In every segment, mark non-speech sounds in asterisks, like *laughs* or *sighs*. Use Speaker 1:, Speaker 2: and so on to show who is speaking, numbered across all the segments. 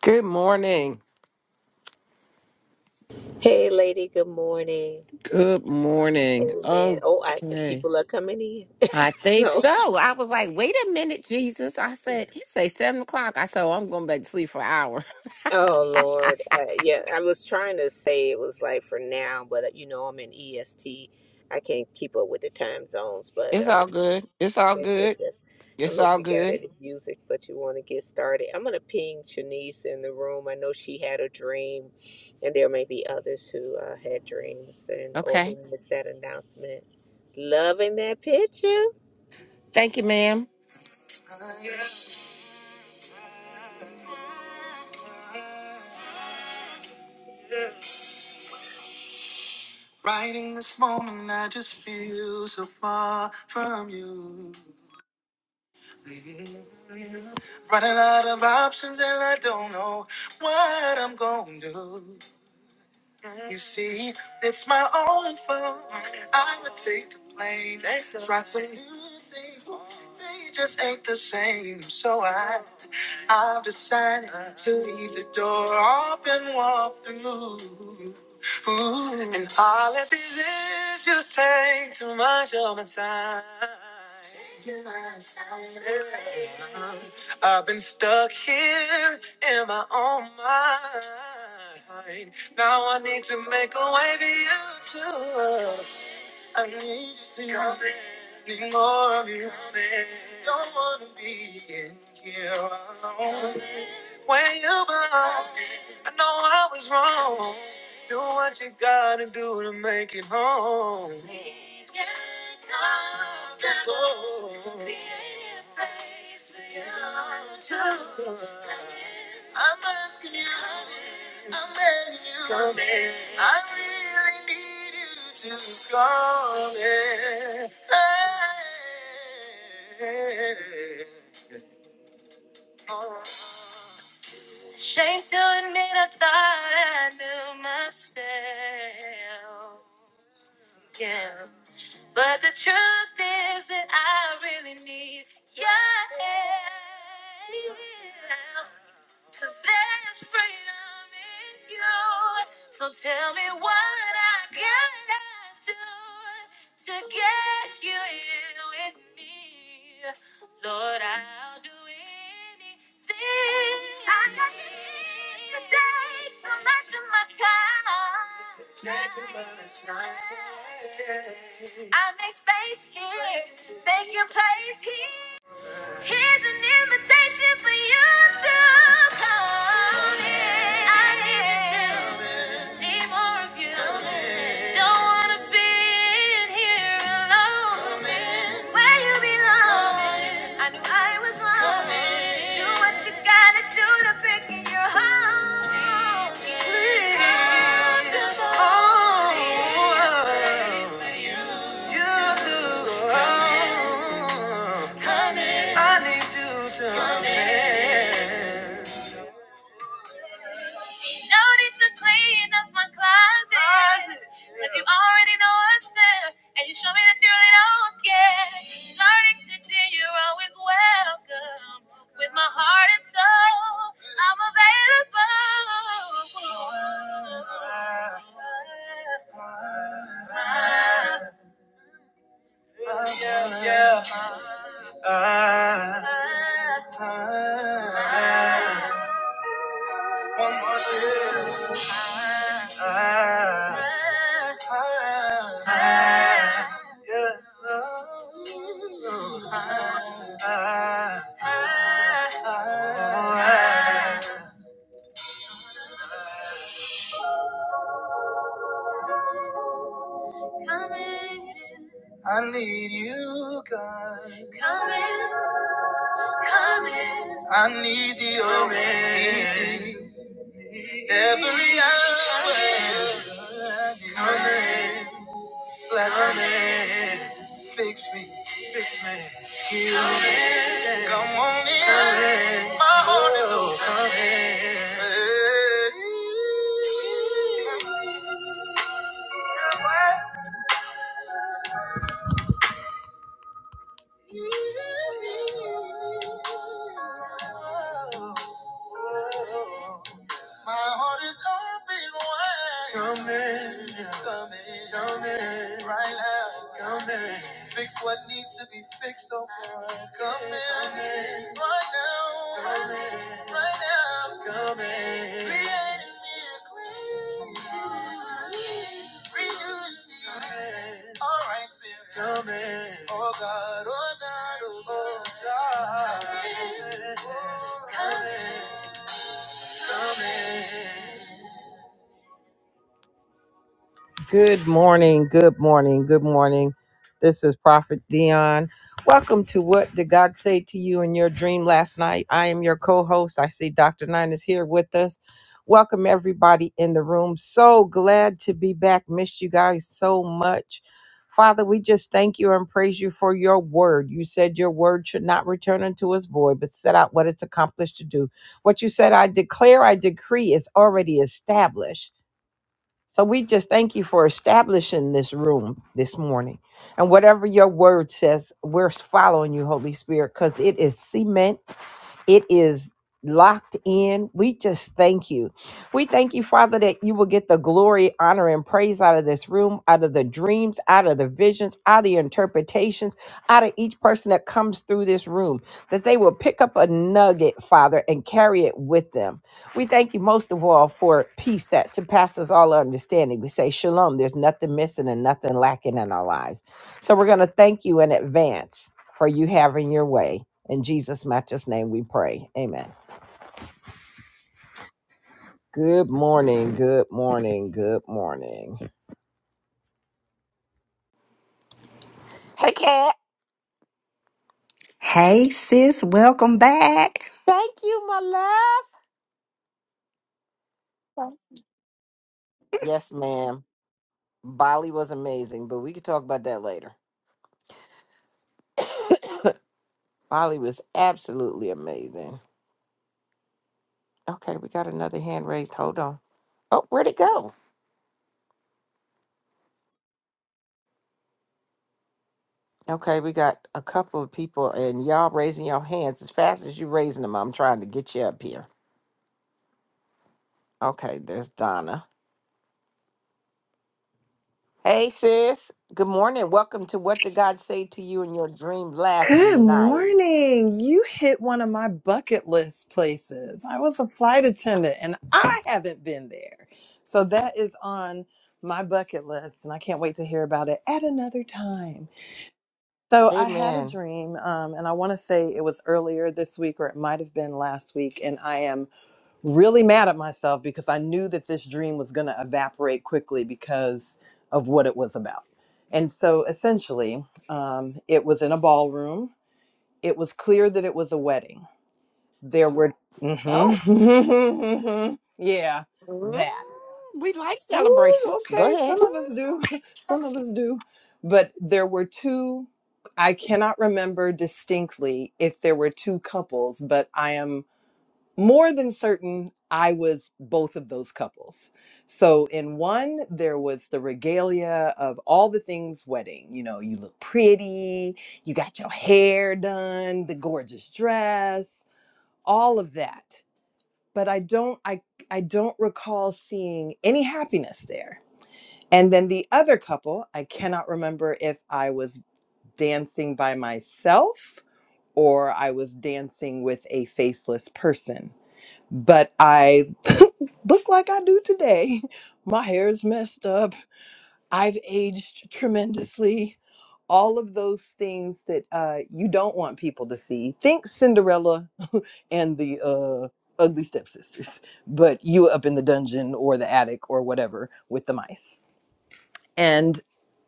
Speaker 1: Good morning.
Speaker 2: Hey, lady. Good morning.
Speaker 1: Good morning.
Speaker 2: Amen. Oh, I
Speaker 1: Okay.
Speaker 2: people are coming in.
Speaker 1: I think
Speaker 2: So,
Speaker 1: so. I was like, wait a minute, Jesus. I said, he say seven o'clock. I said, oh, I'm going back to sleep for an hour. *laughs*
Speaker 2: oh Lord, uh, yeah. I was trying to say it was like for now, but uh, you know I'm in EST. I can't keep up with the time zones, but
Speaker 1: It's
Speaker 2: um,
Speaker 1: all good. It's
Speaker 2: I
Speaker 1: all
Speaker 2: guess that's
Speaker 1: good.
Speaker 2: just. I don't
Speaker 1: It's
Speaker 2: know if
Speaker 1: all
Speaker 2: you got
Speaker 1: good.
Speaker 2: any music, but you want to get started. I'm gonna ping Shanice in the room. I know she had a dream, and there may be others who uh, had dreams and or who
Speaker 1: Okay.
Speaker 2: missed that announcement. Loving that picture.
Speaker 1: Thank you, ma'am. Writing this morning, I just feel so far from you. Running out of options, and I don't know what I'm going to do. You see, it's my own fault. I would take the blame. Try some new things. They just ain't the same. So I, I've decided to leave the door open, walk through. Ooh. And all of these issues take too much of my time. Taking my time. I've been stuck here in my own mind. Now I need to make a way beyond to you I need you to see Come in. Need more of you. Come in. Don't wanna be in here alone. Come in. Where you belong. Come in. I know I was wrong. Do what you gotta do to make it home. Please get up and go. Create a place for you to. I'm asking you, I'm begging you, come in. I really need you to come in. Hey. Oh. Shame to admit I thought I knew myself. Yeah. But the truth is that I really need your help. Cause there's freedom in you. So tell me what I gotta do to get you in with me. Lord, I'll do anything. I got this to take so much of my time. I make space here, take your place here. Here's an invitation for you to come in. I need you. Need more of you. Don't wanna be in here alone. Where you belong. I knew I was wrong. Do what you gotta do to bring in your home. Please. Come to you to oh, come in. I need you to come in. No need to clean up my closet. Cause you already know what's there. And you show me that you really don't care. Starting today, you're always welcome. With my heart and soul, I'm available. Yeah, yeah. Ah, ah. One more time. Ah, ah. ah. Yeah. Oh, ah, ah. ah. I need you, God. I need thee, oh man. Every hour. Come in. Bless come me. in. Fix me. Fix me. Heal me. Come on in. My heart is open. Hey. My heart is open wide. Come in, come in, come in, right now. Come in. Fix what needs to be fixed, oh God. Come in, right now. Come in, right now. Come in. Create in me a clean heart. Renew in me. Oh, come in. Oh God, oh God, oh God. Come in, oh God. Come in. Come in. Good morning, good morning, good morning. This is Prophet Dion. Welcome to What Did God Say to You in Your Dream Last Night? I am your co host. I see Dr. Nine is here with us. Welcome, everybody in the room. So glad to be back. Missed you guys so much. Father, we just thank you and praise you for your word. You said your word should not return unto us void, but set out what it's accomplished to do. What you said, I declare, I decree, is already established. So we just thank you for establishing this room this morning. And whatever your word says, we're following you, Holy Spirit, because it is cement it is locked in. We just thank you. We thank you, Father, that you will get the glory, honor, and praise out of this room, out of the dreams, out of the visions, out of the interpretations, out of each person that comes through this room, that they will pick up a nugget, Father, and carry it with them. We thank you most of all for peace that surpasses all understanding. We say, Shalom, there's nothing missing and nothing lacking in our lives. So we're going to thank you in advance for you having your way. In Jesus' matchless name we pray. Amen. Good morning, good morning, good morning. *laughs* Hey, Kat.
Speaker 3: Hey sis, welcome back.
Speaker 1: Thank you, my love. Yes, ma'am. Bali was amazing, but we could talk about that later. Bali was absolutely amazing. Okay, we got another hand raised. Hold on. Oh, where'd it go? Okay, we got a couple of people, and y'all raising your hands as fast as you raising them. I'm trying to get you up here. Okay, there's Donna. Hey, sis. Good morning. Welcome to What Did God Say to You in Your Dream Last
Speaker 4: Good
Speaker 1: Night?
Speaker 4: morning. You hit one of my bucket list places. I was a flight attendant and I haven't been there. So that is on my bucket list and I can't wait to hear about it at another time. So I had a
Speaker 1: Amen.
Speaker 4: dream um, and I want to say it was earlier this week or it might have been last week. And I am really mad at myself because I knew that this dream was going to evaporate quickly because of what it was about. And so essentially, um, it was in a ballroom it was clear that it was a wedding. There were, hmm
Speaker 1: Oh,
Speaker 4: *laughs* yeah,
Speaker 1: mm,
Speaker 4: that.
Speaker 1: we like
Speaker 4: Ooh,
Speaker 1: celebrations. Go
Speaker 4: okay,
Speaker 1: ahead.
Speaker 4: some of us do, *laughs* some of us do. But there were two, I cannot remember distinctly if there were two couples, but I am more than certain I was both of those couples. So in one there was the regalia of all the things wedding. You know, you look pretty, you got your hair done, the gorgeous dress, all of that. But I don't I I don't recall seeing any happiness there. And then the other couple, I cannot remember if I was dancing by myself or I was dancing with a faceless person but I *laughs* look like I do today. *laughs* My hair is messed up. I've aged tremendously. All of those things that uh, you don't want people to see. Think Cinderella *laughs* and the uh, ugly stepsisters, but you up in the dungeon or the attic or whatever with the mice. And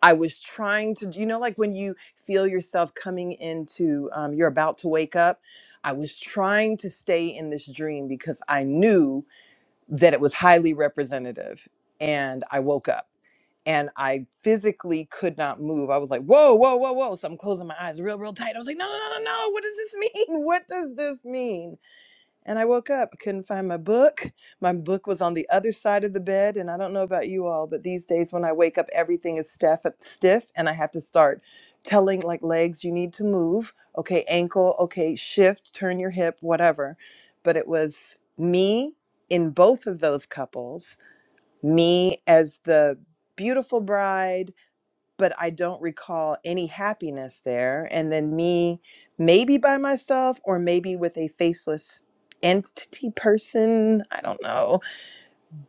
Speaker 4: I was trying to, you know, like when you feel yourself coming into, um, you're about to wake up. I was trying to stay in this dream because I knew that it was highly representative. And I woke up and I physically could not move. I was like, whoa, whoa, whoa, whoa. So I'm closing my eyes real, real tight. I was like, no, no, no, no, no. What does this mean? *laughs* What does this mean? And I woke up, I couldn't find my book. My book was on the other side of the bed. And I don't know about you all, but these days when I wake up, everything is stiff, stiff and I have to start telling like legs, you need to move. Okay, ankle, okay, shift, turn your hip, whatever. But it was me in both of those couples, me as the beautiful bride but I don't recall any happiness there. And then me, maybe by myself or maybe with a faceless entity person, I don't know,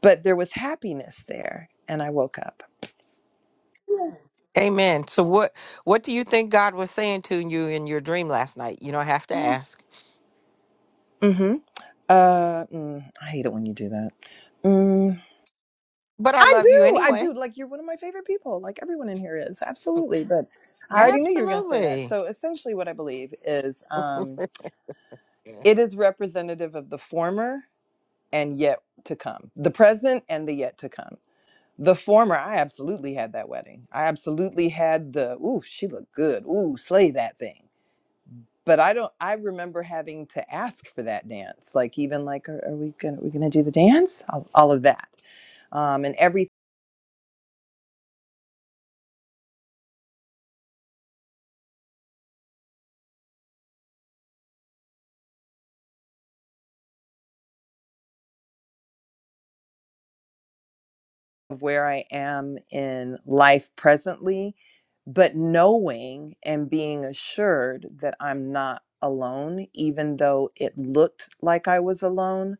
Speaker 4: but there was happiness there. And I woke up.
Speaker 1: Amen. So, what what do you think God was saying to you in your dream last night? You don't have to ask,
Speaker 4: Mm-hmm. Uh, mm, I hate it when you do that. Mm,
Speaker 1: but I
Speaker 4: I
Speaker 1: love you
Speaker 4: do. I
Speaker 1: anyway.
Speaker 4: do. Like, you're one of my favorite people. Like, everyone in here is. Absolutely. But I already knew you were going to say that.
Speaker 1: Absolutely.
Speaker 4: So, essentially, what I believe is um,
Speaker 1: *laughs*
Speaker 4: it is representative of the former and yet to come, the present and the yet to come. The former, I absolutely had that wedding. I absolutely had the, ooh, she looked good. Ooh, slay that thing. But I don't, I remember having to ask for that dance. Like, even like, are, are we going to, we going to do the dance? All, all of that. Um, and everything of where I am in life presently, but knowing and being assured that I'm not alone, even though it looked like I was alone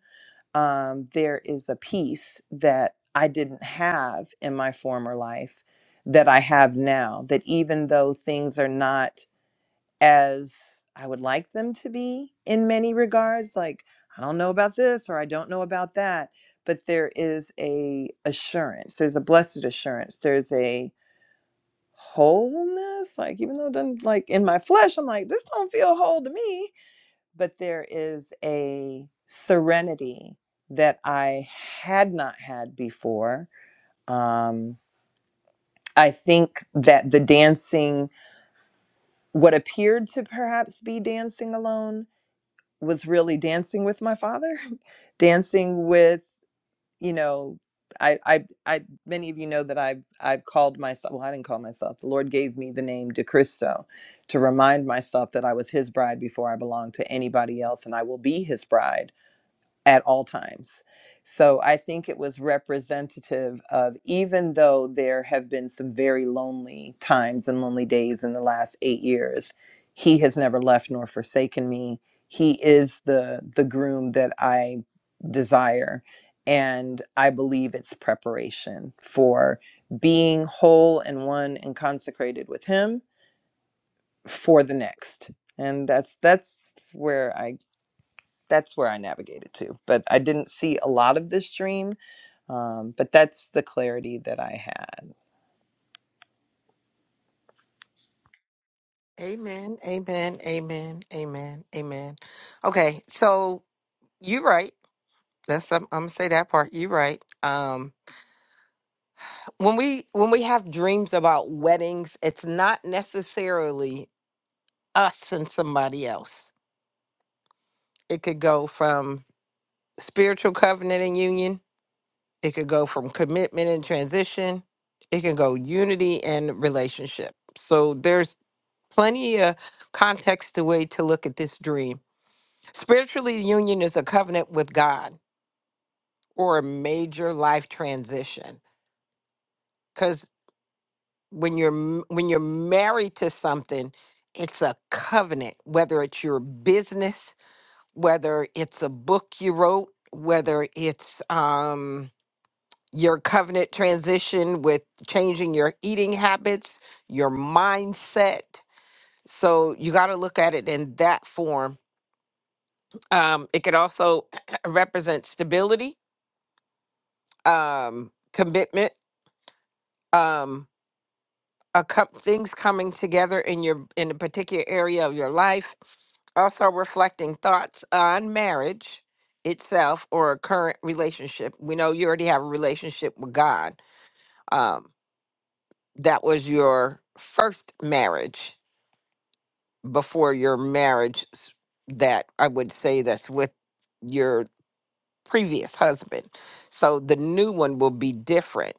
Speaker 4: um, there is a peace that I didn't have in my former life that I have now. That even though things are not as I would like them to be in many regards, like I don't know about this or I don't know about that, but there is a assurance. There's a blessed assurance. There's a wholeness. Like even though it doesn't like in my flesh, I'm like this don't feel whole to me but there is a serenity that I had not had before. Um, I think that the dancing, what appeared to perhaps be dancing alone, was really dancing with my father, *laughs* dancing with, you know, I, I, I, many of you know that I've, I've called myself, well, I didn't call myself, the Lord gave me the name De Cristo to remind myself that I was his bride before I belonged to anybody else and I will be his bride at all times. So I think it was representative of even though there have been some very lonely times and lonely days in the last 8 years, he has never left nor forsaken me. He is the the groom that I desire and I believe it's preparation for being whole and one and consecrated with him for the next. And that's that's where I that's where I navigated to. But I didn't see a lot of this dream. Um, but that's the clarity that I had.
Speaker 1: Amen. Amen. Amen. Amen. Amen. Okay, so you're right. That's I'm, I'm gonna say that part. You're right. Um. when we when we have dreams about weddings it's not necessarily us and somebody else it could go from spiritual covenant and union it could go from commitment and transition it can go unity and relationship so there's plenty of context to way to look at this dream spiritually union is a covenant with god or a major life transition when you're m- when you're married to something it's a covenant whether it's your business whether it's a book you wrote whether it's um your covenant transition with changing your eating habits your mindset so you got to look at it in that form um it could also *clears throat* represent stability um commitment um, a com- things coming together in your in a particular area of your life also reflecting thoughts on marriage itself or a current relationship we know you already have a relationship with god um, that was your first marriage before your marriage s- that i would say that's with your previous husband so the new one will be different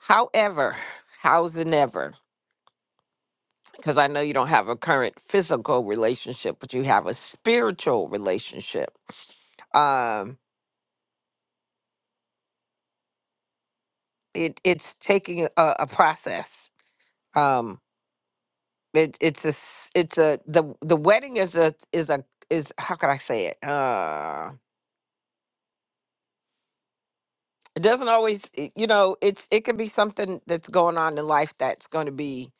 Speaker 1: however how's and ever because I know you don't have a current physical relationship, but you have a spiritual relationship. Um, it it's taking a, a process. Um, it it's a s- it's a the the wedding is a is a is how can I say it? Uh, it doesn't always it- you know it's it could be something that's going on in life that's going to be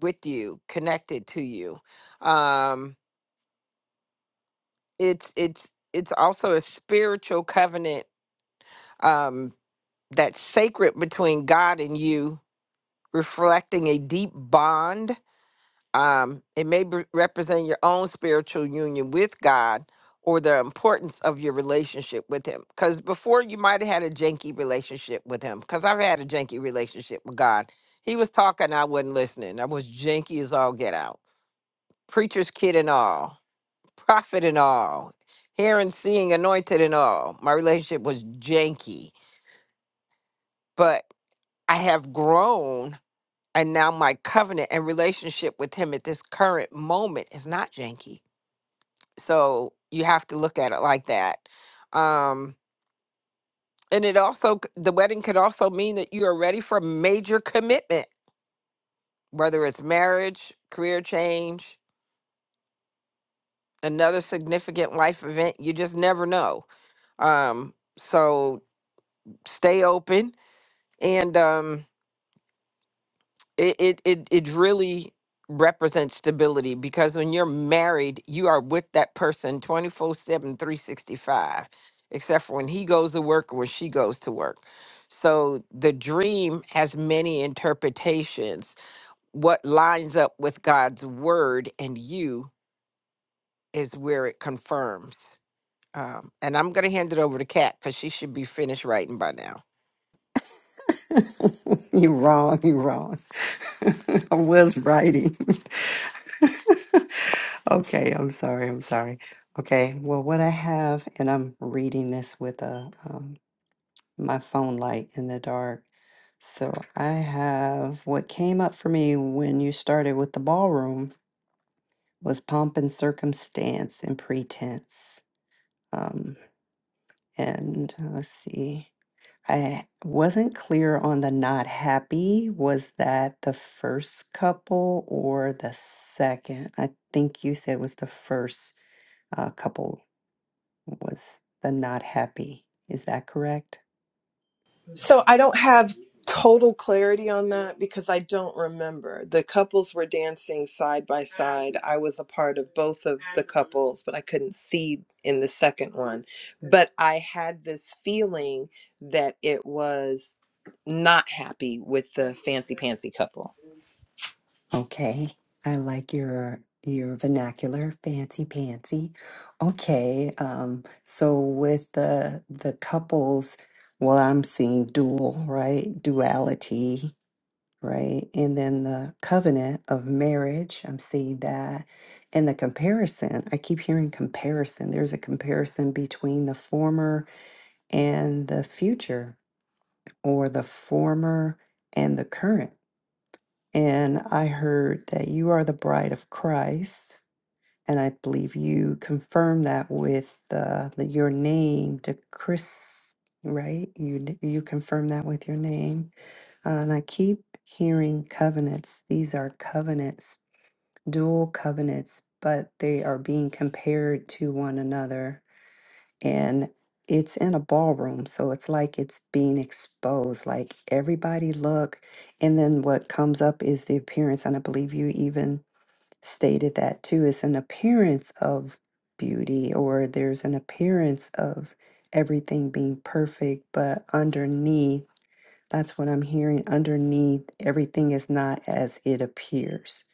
Speaker 1: with you, connected to you. Um, it's it's it's also a spiritual covenant um that's sacred between God and you, reflecting a deep bond. Um, it may be- represent your own spiritual union with God or the importance of your relationship with Him. Because before you might have had a janky relationship with Him, because I've had a janky relationship with God. He was talking, I wasn't listening. I was janky as all get out. Preacher's kid and all, prophet and all, hearing, seeing, anointed and all. My relationship was janky, but I have grown and now my covenant and relationship with him at this current moment is not janky so you have to look at it like that um and it also c- the wedding could also mean that you are ready for major commitment whether it's marriage career change another significant life event you just never know um so stay open and um it it it, it really represents stability because when you're married you are with that person twenty four seven, three sixty five, except for when he goes to work or when she goes to work so the dream has many interpretations what lines up with god's word and you is where it confirms um, and i'm going to hand it over to kat because she should be finished writing by now
Speaker 3: *laughs* you wrong, you wrong. *laughs* I was writing. *laughs* okay, I'm sorry, I'm sorry. Okay, well, what I have, and I'm reading this with a um, my phone light in the dark. So I have what came up for me when you started with the ballroom was pomp and circumstance and pretense. Um, and uh, let's see. I wasn't clear on the not happy. Was that the first couple or the second? I think you said was the first uh, couple was the not happy. Is that correct?
Speaker 4: So I don't have total clarity on that because I don't remember. The couples were dancing side by side. I was a part of both of the couples, but I couldn't see in the second one. But I had this feeling that it was not happy with the fancy pantsy couple.
Speaker 3: Okay. I like your your vernacular, fancy pantsy. Okay. Um, so with the the couples, well, I'm seeing dual, right? Duality, right? And then the covenant of marriage, I'm seeing that. And the comparison, I keep hearing comparison. There's a comparison between the former and the future, or the former and the current and I heard that you are the bride of Christ. And I believe you confirmed that with uh, the, your name to Chris, right? You, n- you confirm that with your name. Uh, and I keep hearing covenants. These are covenants, dual covenants, but they are being compared to one another and it's in a ballroom so it's like it's being exposed like everybody look and then what comes up is the appearance and i believe you even stated that too it's an appearance of beauty or there's an appearance of everything being perfect but underneath that's what I'm hearing underneath. Everything is not as it appears.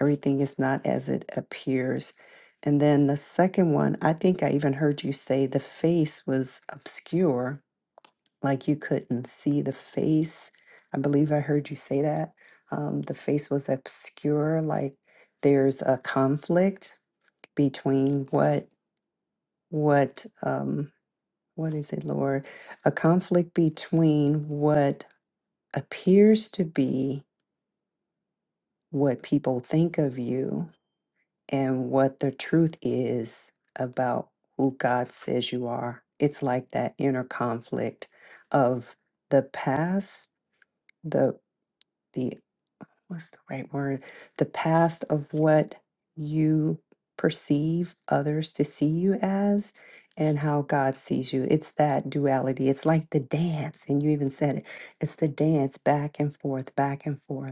Speaker 3: Everything is not as it appears. And then the second one, I think I even heard you say the face was obscure, like you couldn't see the face. I believe I heard you say that. Um, the face was obscure, like there's a conflict between what, what, um, what is it, Lord? A conflict between what appears to be what people think of you and what the truth is about who God says you are. It's like that inner conflict of the past, the the what's the right word? The past of what you perceive others to see you as and how God sees you. It's that duality. It's like the dance and you even said it. It's the dance back and forth, back and forth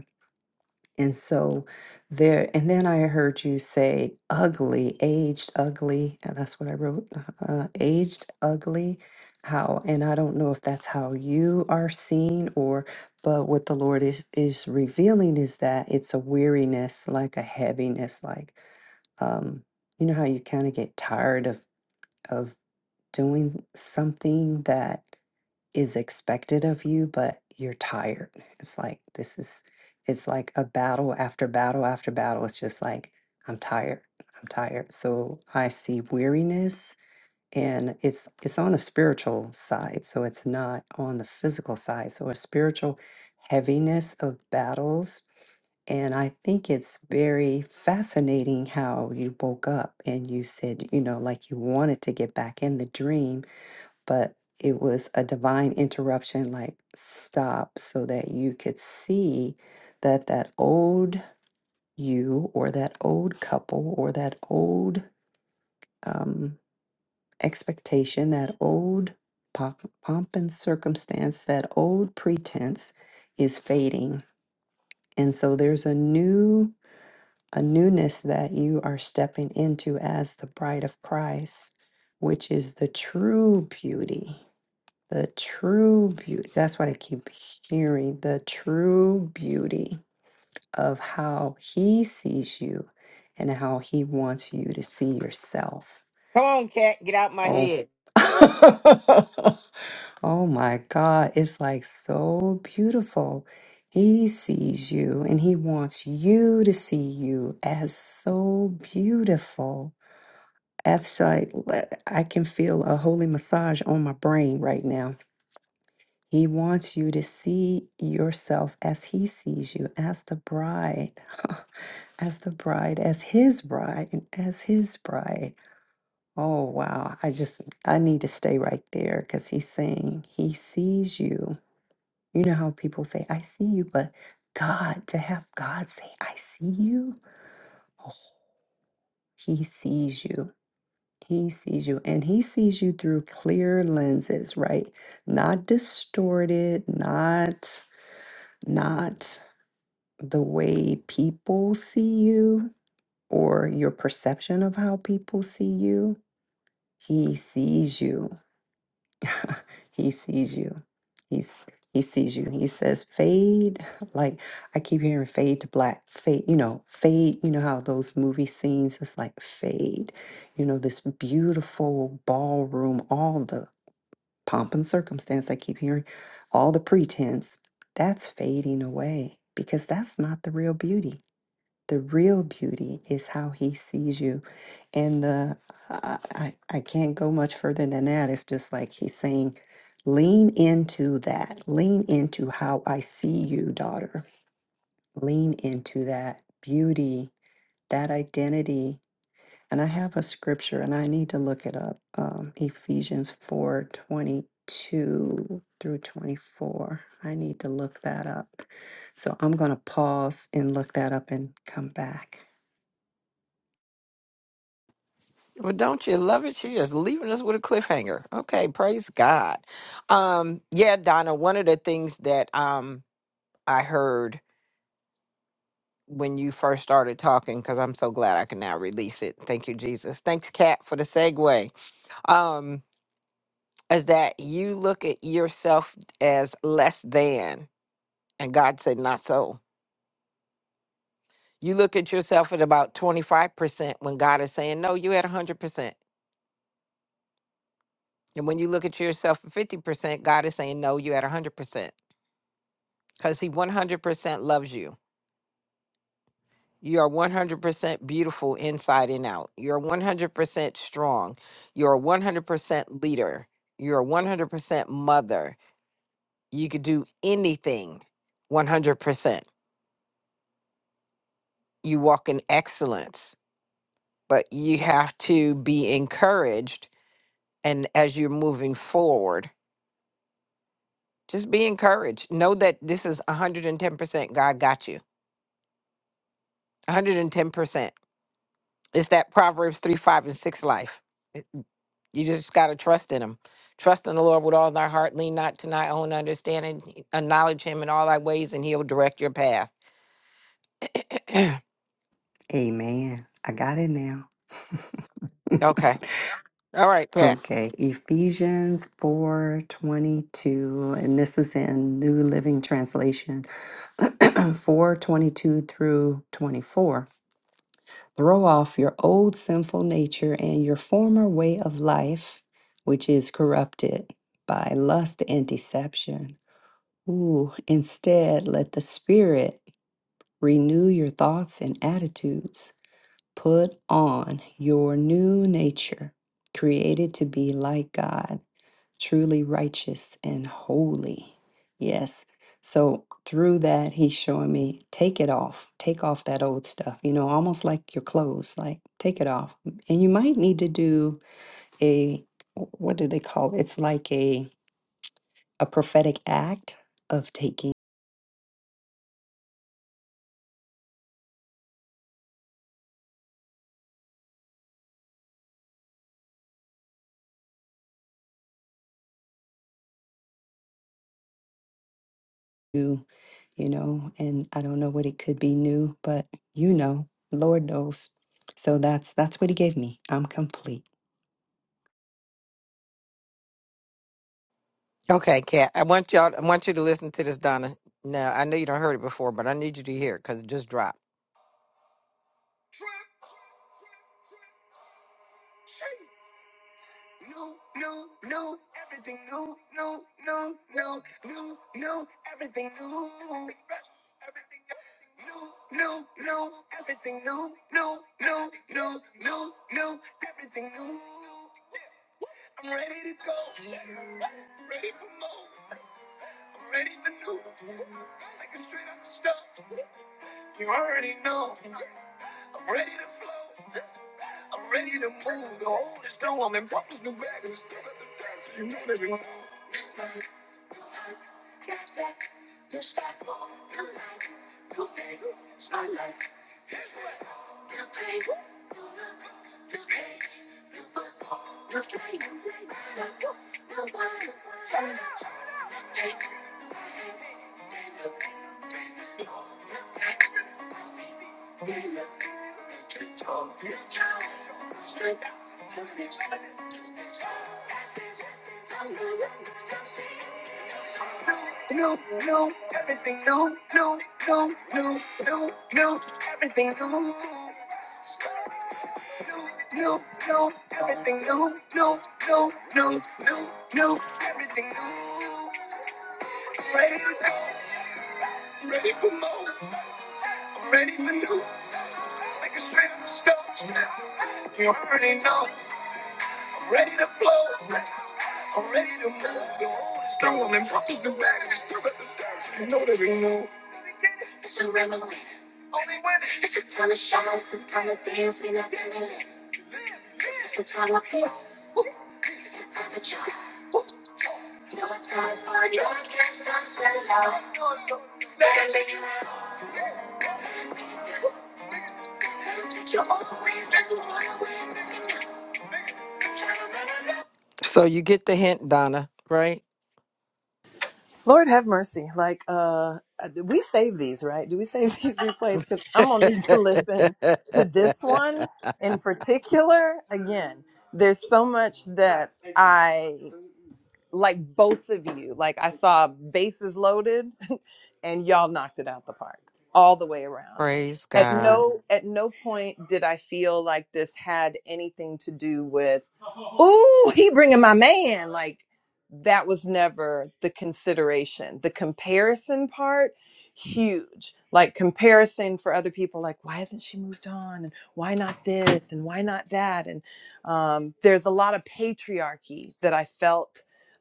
Speaker 3: and so there, and then I heard you say ugly, aged ugly, and that's what I wrote, uh, aged ugly. How, and I don't know if that's how you are seen or, but what the Lord is, is revealing is that it's a weariness, like a heaviness, like, um, you know how you kind of get tired of, of doing something that is expected of you, but you're tired. It's like this is it's like a battle after battle after battle. It's just like I'm tired. I'm tired. So I see weariness and it's it's on the spiritual side. So it's not on the physical side. So a spiritual heaviness of battles. And I think it's very fascinating how you woke up and you said, you know, like you wanted to get back in the dream but it was a divine interruption like stop so that you could see that that old you or that old couple or that old um, expectation that old pop, pomp and circumstance that old pretense is fading and so there's a new a newness that you are stepping into as the bride of christ which is the true beauty The true beauty, that's what I keep hearing the true beauty of how he sees you and how he wants you to see yourself.
Speaker 1: Come on, cat, get out my
Speaker 3: Oh,
Speaker 1: head.
Speaker 3: *laughs* oh my God, it's like so beautiful. He sees you and he wants you to see you as so beautiful. That's like, le- I can feel a holy massage on my brain right now. He wants you to see yourself as he sees you, as the bride, *laughs* as the bride, as his bride, and as his bride. Oh, wow. I just, I need to stay right there because he's saying he sees you. You know how people say, I see you, but God, to have God say, I see you, oh, he sees you. He sees you and he sees you through clear lenses, right? Not distorted, not, not the way people see you or your perception of how people see you he sees you he sees you he's he sees you he says fade *laughs* like i keep hearing fade to black fade you know fade you know how those movie scenes it's like fade you know this beautiful ballroom all the pomp and circumstance i keep hearing all the pretense that's fading away because that's not the real beauty The real beauty is how he sees you. And the I, I I can't go much further than that. It's just like he's saying, lean into that. Lean into how I see you, daughter. Lean into that beauty, that identity. And I have a scripture and I need to look it up. Um, Ephesians four twenty two through 24. I need to look that up. So I'm going to pause and look that up and come back.
Speaker 1: Well, don't you love it? She's just leaving us with a cliffhanger. Okay, praise God. Um, yeah, Donna, one of the things that um I heard when you first started talking, because I'm so glad I can now release it. Thank you, Jesus. Thanks, Kat, for the segue. Um, is that you look at yourself as less than, and God said, not so. You look at yourself at about 25% when God is saying, no, you're at 100%. And when you look at yourself at 50%, God is saying, no, you're at 100%. Because He 100% loves you. You are 100% beautiful inside and out. You're 100% strong. You're 100% leader. You're 100% mother. You could do anything 100%. You walk in excellence but you have to be encouraged. And as you're moving forward, just be encouraged. Know that this is 110% God got you. 110%. It's that Proverbs 3, 5, and 6 life. It- You just got to trust in Him. Trust in the Lord with all thy heart. Lean not to thy own understanding. Acknowledge Him in all thy ways, and He'll direct your path. *clears throat*
Speaker 3: Amen. I got it now. *laughs*
Speaker 1: okay. All right, Kat.
Speaker 3: okay, Ephesians 4:22 and this is in New Living Translation. *clears throat* 4:22 through 24. Throw off your old sinful nature and your former way of life, which is corrupted by lust and deception. Ooh, instead let the spirit renew your thoughts and attitudes. Put on your new nature, created to be like God, truly righteous and holy. Yes. So through that, he's showing me take it off, take off that old stuff, you know, almost like your clothes, like take it off. And you might need to do a, what do they call it? It's like a, a prophetic act of taking you you know, and I don't know what it could be new, but you know, Lord knows. So that's that's what he gave me. I'm complete.
Speaker 1: Okay, Kat. I want y'all. I want you to listen to this, Donna. Now I know you don't heard it before, but I need you to hear it because it just dropped. Trap, shake. No, no, no, everything no, no, no, no, no, no, everything no. Everything No, no, no, everything no, no, no, no, no, no, everything no. I'm ready to go. I'm ready for more. I'm ready for new. Like a straight up stuff. You already know. I'm ready to flow. I'm ready to move. The old is gone. And pops new bag and still at the dance. You know that we move. No, no, no. everything no, no, no, no, no, no, everything no. No, no, no. everything no, no, no, no, no, no, everything no. Ready to go, ready for more, I'm ready for new, like a straight up stone. You already know. Ready to flow. I'm ready to move. The road is strong and punches the bag and still at the test. You know that we know. Only when it's So you get the hint, Donna, right?
Speaker 4: Lord have mercy. Like, uh, do we save these, right? Do we save *laughs* these replays? Because I'm gonna need to listen to this one in particular again. There's so much that I like both of you. Like I saw bases loaded *laughs* and y'all knocked it out the park all the way around.
Speaker 1: Praise
Speaker 4: At
Speaker 1: God.
Speaker 4: no at no point did I feel like this had anything to do with ooh, *laughs* he bringing my man. Like that was never the consideration. The comparison part huge. Like comparison for other people like why hasn't she moved on and why not this and why not that and um there's a lot of patriarchy that I felt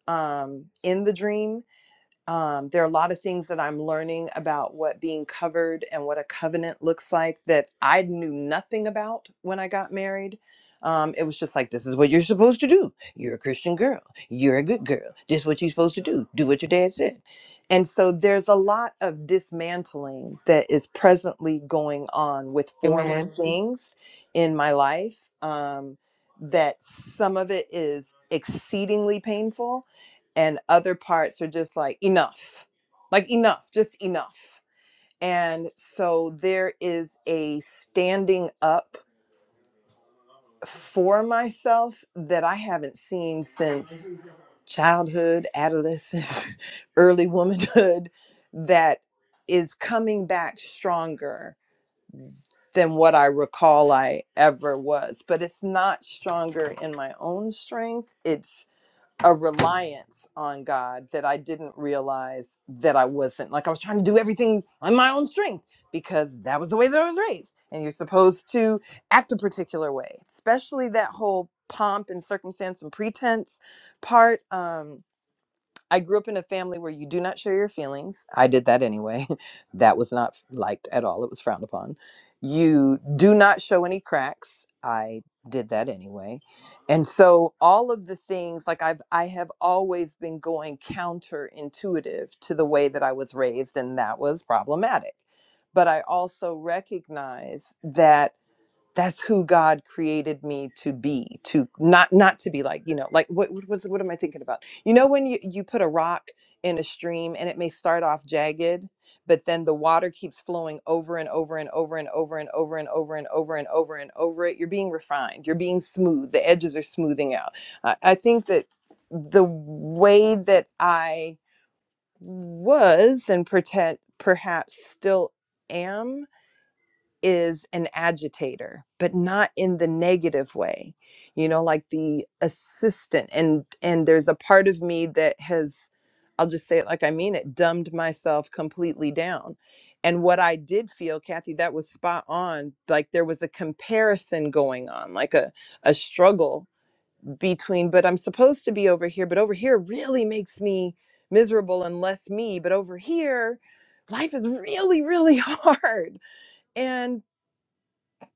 Speaker 4: um, in the dream. Um, there are a lot of things that I'm learning about what being covered and what a covenant looks like that I knew nothing about when I got married. Um, it was just like, this is what you're supposed to do. You're a Christian girl. You're a good girl. This is what you're supposed to do. Do what your dad said. And so there's a lot of dismantling that is presently going on with former
Speaker 1: Amen.
Speaker 4: Mhm. things in my life. Um, that some of it is exceedingly painful and other parts are just like enough like enough just enough and so there is a standing up for myself that i haven't seen since childhood adolescence *laughs* early womanhood that is coming back stronger than what i recall i ever was but it's not stronger in my own strength It's. a reliance on God that I didn't realize that I wasn't. Like I was trying to do everything on my own strength because that was the way that I was raised. And you're supposed to act a particular way, especially that whole pomp and circumstance and pretense part. Um, I grew up in a family where you do not share your feelings. I did that anyway. *laughs* that was not liked at all, it was frowned upon. You do not show any cracks. I did that anyway. And so all of the things like I've I have always been going counterintuitive to the way that I was raised and that was problematic. But I also recognize that that's who God created me to be, to not not to be like, you know, like what what was what am I thinking about? You know when you you put a rock in a stream and it may start off jagged, but then the water keeps flowing over and over and over and over and over and over and over and over and over it. You're being refined. You're being smooth. The edges are smoothing out. I, I think that the way that I was and pretend perhaps still am is an agitator, but not in the negative way. You know, like the assistant and and there's a part of me that has I'll just say it like I mean it, dumbed myself completely down. And what I did feel, Kathy, that was spot on. Like there was a comparison going on, like a a struggle between, but I'm supposed to be over here, but over here really makes me miserable and less me, but over here life is really really *laughs* hard. And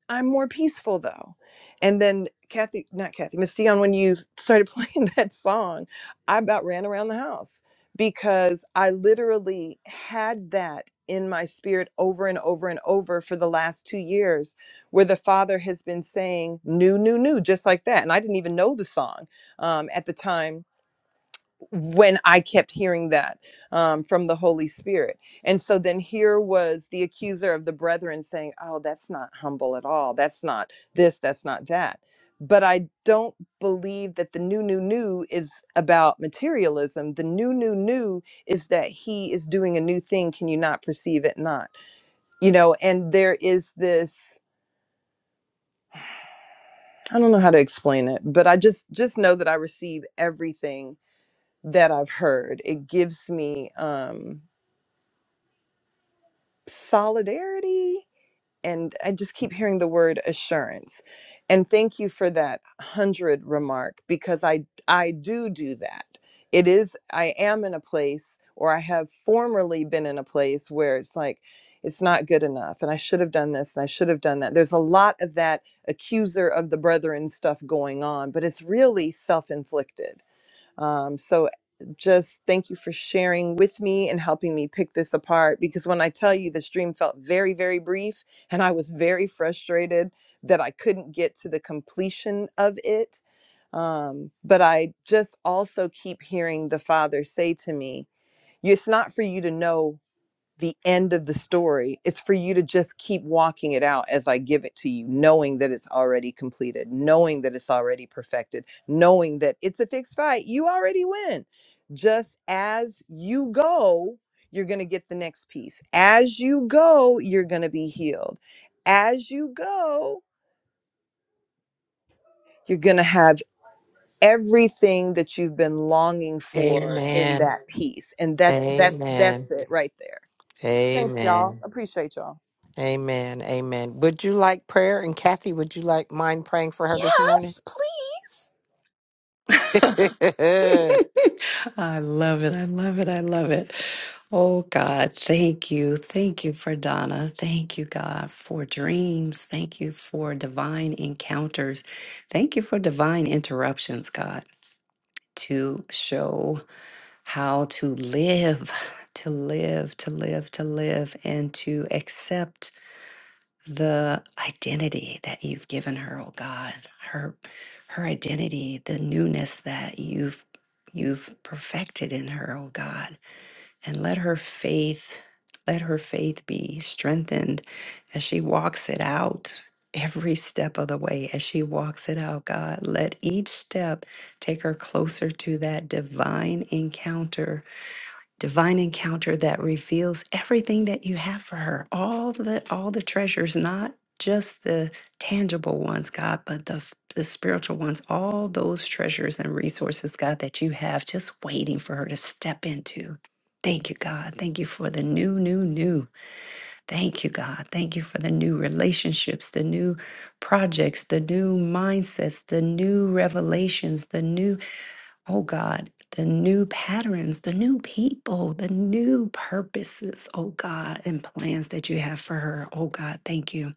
Speaker 4: I'm more peaceful though. And then Kathy, not Kathy, Miss Dion, when you started playing *laughs* that song, I about ran around the house because I literally had that in my spirit over and over and over for the last two years, where the father has been saying new, new, new, just like that. And I didn't even know the song um, at the time when I kept hearing that um, from the Holy Spirit. And so then here was the accuser of the brethren saying, Oh, that's not humble at all. That's not this, that's not that. But I don't believe that the new, new, new is about materialism. The new, new, new is that he is doing a new thing. Can you not perceive it? Not, you know, and there is this, I don't know how to explain it, but I just, just know that I receive everything that I've heard. It gives me, um, solidarity and i just keep hearing the word assurance and thank you for that 100 remark because i i do do that it is i am in a place or i have formerly been in a place where it's like it's not good enough and i should have done this and i should have done that there's a lot of that accuser of the brethren stuff going on but it's really self-inflicted um, so just thank you for sharing with me and helping me pick this apart because when I tell you the stream felt very, very brief and I was very frustrated that I couldn't get to the completion of it. Um, but I just also keep hearing the Father say to me, It's not for you to know the end of the story. It's for you to just keep walking it out as I give it to you, knowing that it's already completed, knowing that it's already perfected, knowing that it's a fixed fight. You already win. Just as you go, you're going to get the next piece. As you go, you're going to be healed. As you go, you're going to have everything that you've been longing for in
Speaker 1: Amen.
Speaker 4: that piece. And that's that's
Speaker 1: Amen. Amen.
Speaker 4: that's it right there. Thanks y'all. Appreciate y'all.
Speaker 1: Amen. Amen. Would you like prayer? And Kathy, would you like mind praying for her this morning?
Speaker 4: Yes, please.
Speaker 1: *laughs* I
Speaker 3: *laughs* I love it. I love it. I love it. Oh, God, thank you. Thank you for Donna. Thank you, God, for dreams. Thank you for divine encounters. Thank you for divine interruptions, God, to show how to live, *laughs* to live, to live, to live, and to accept the identity that you've given her, oh God, her her identity, the newness that you've you've perfected in her, oh God. And let her faith, let her faith be strengthened as she walks it out every step of the way as she walks it out god let each step take her closer to that divine encounter divine encounter that reveals everything that you have for her all the all the treasures not just the tangible ones god but the the spiritual ones all those treasures and resources god that you have just waiting for her to step into thank you god thank you for the new new new thank you god thank you for the new relationships the new projects the new mindsets the new revelations the new oh God, the new patterns, the new people, the new purposes, oh God, and plans that you have for her. Oh God, thank you.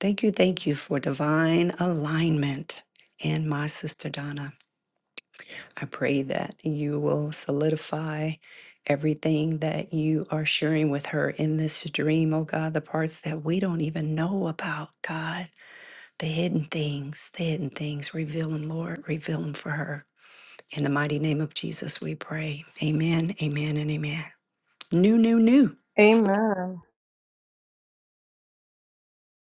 Speaker 3: Thank you, thank you for divine alignment. And my sister Donna, I pray that you will solidify everything that you are sharing with her in this dream, oh God, the parts that we don't even know about, God, the hidden things, the hidden things, reveal them, Lord, reveal them for her. In the mighty name of Jesus, we pray. Amen, amen, and amen. New, new, new.
Speaker 4: Amen.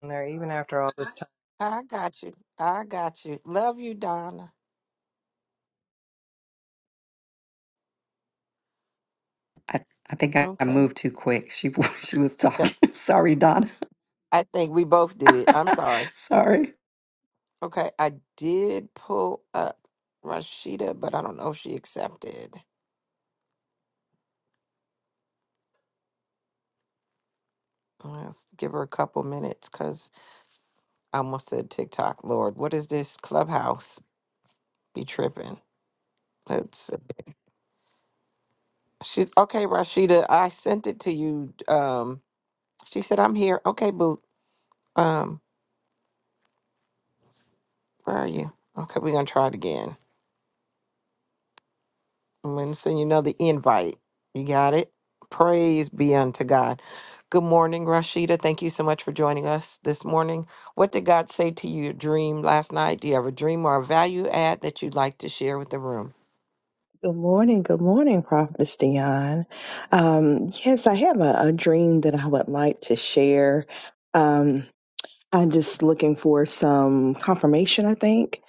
Speaker 4: There, even after all this
Speaker 1: got you. I got you. Love you, Donna.
Speaker 3: I, I think I I
Speaker 1: Okay.
Speaker 3: moved too quick. She, wa- *laughs* she was talking. *laughs* Sorry, Donna.
Speaker 1: I think we both did it.
Speaker 3: *laughs*
Speaker 1: I'm sorry.
Speaker 3: Sorry.
Speaker 1: Okay, I did pull up Rashida, but I don't know if she accepted. Let's give her a couple minutes because I almost said TikTok. Lord, what is this clubhouse? Be tripping. Let's. She's okay, Rashida. I sent it to you. Um, she said I'm here. Okay, boo. Um, where are you? Okay, we're gonna try it again. I'm going to send you another invite. You got it? Praise be unto God. Good morning, Rashida. Thank you so much for joining us this morning. What did God say to your dream last night? Do you have a dream or a value add that you'd like to share with the room?
Speaker 5: Good morning, good morning, Prophetess Dion. Um, yes, I have a, a dream that I would like to share. Um, I'm just looking for some confirmation, I think.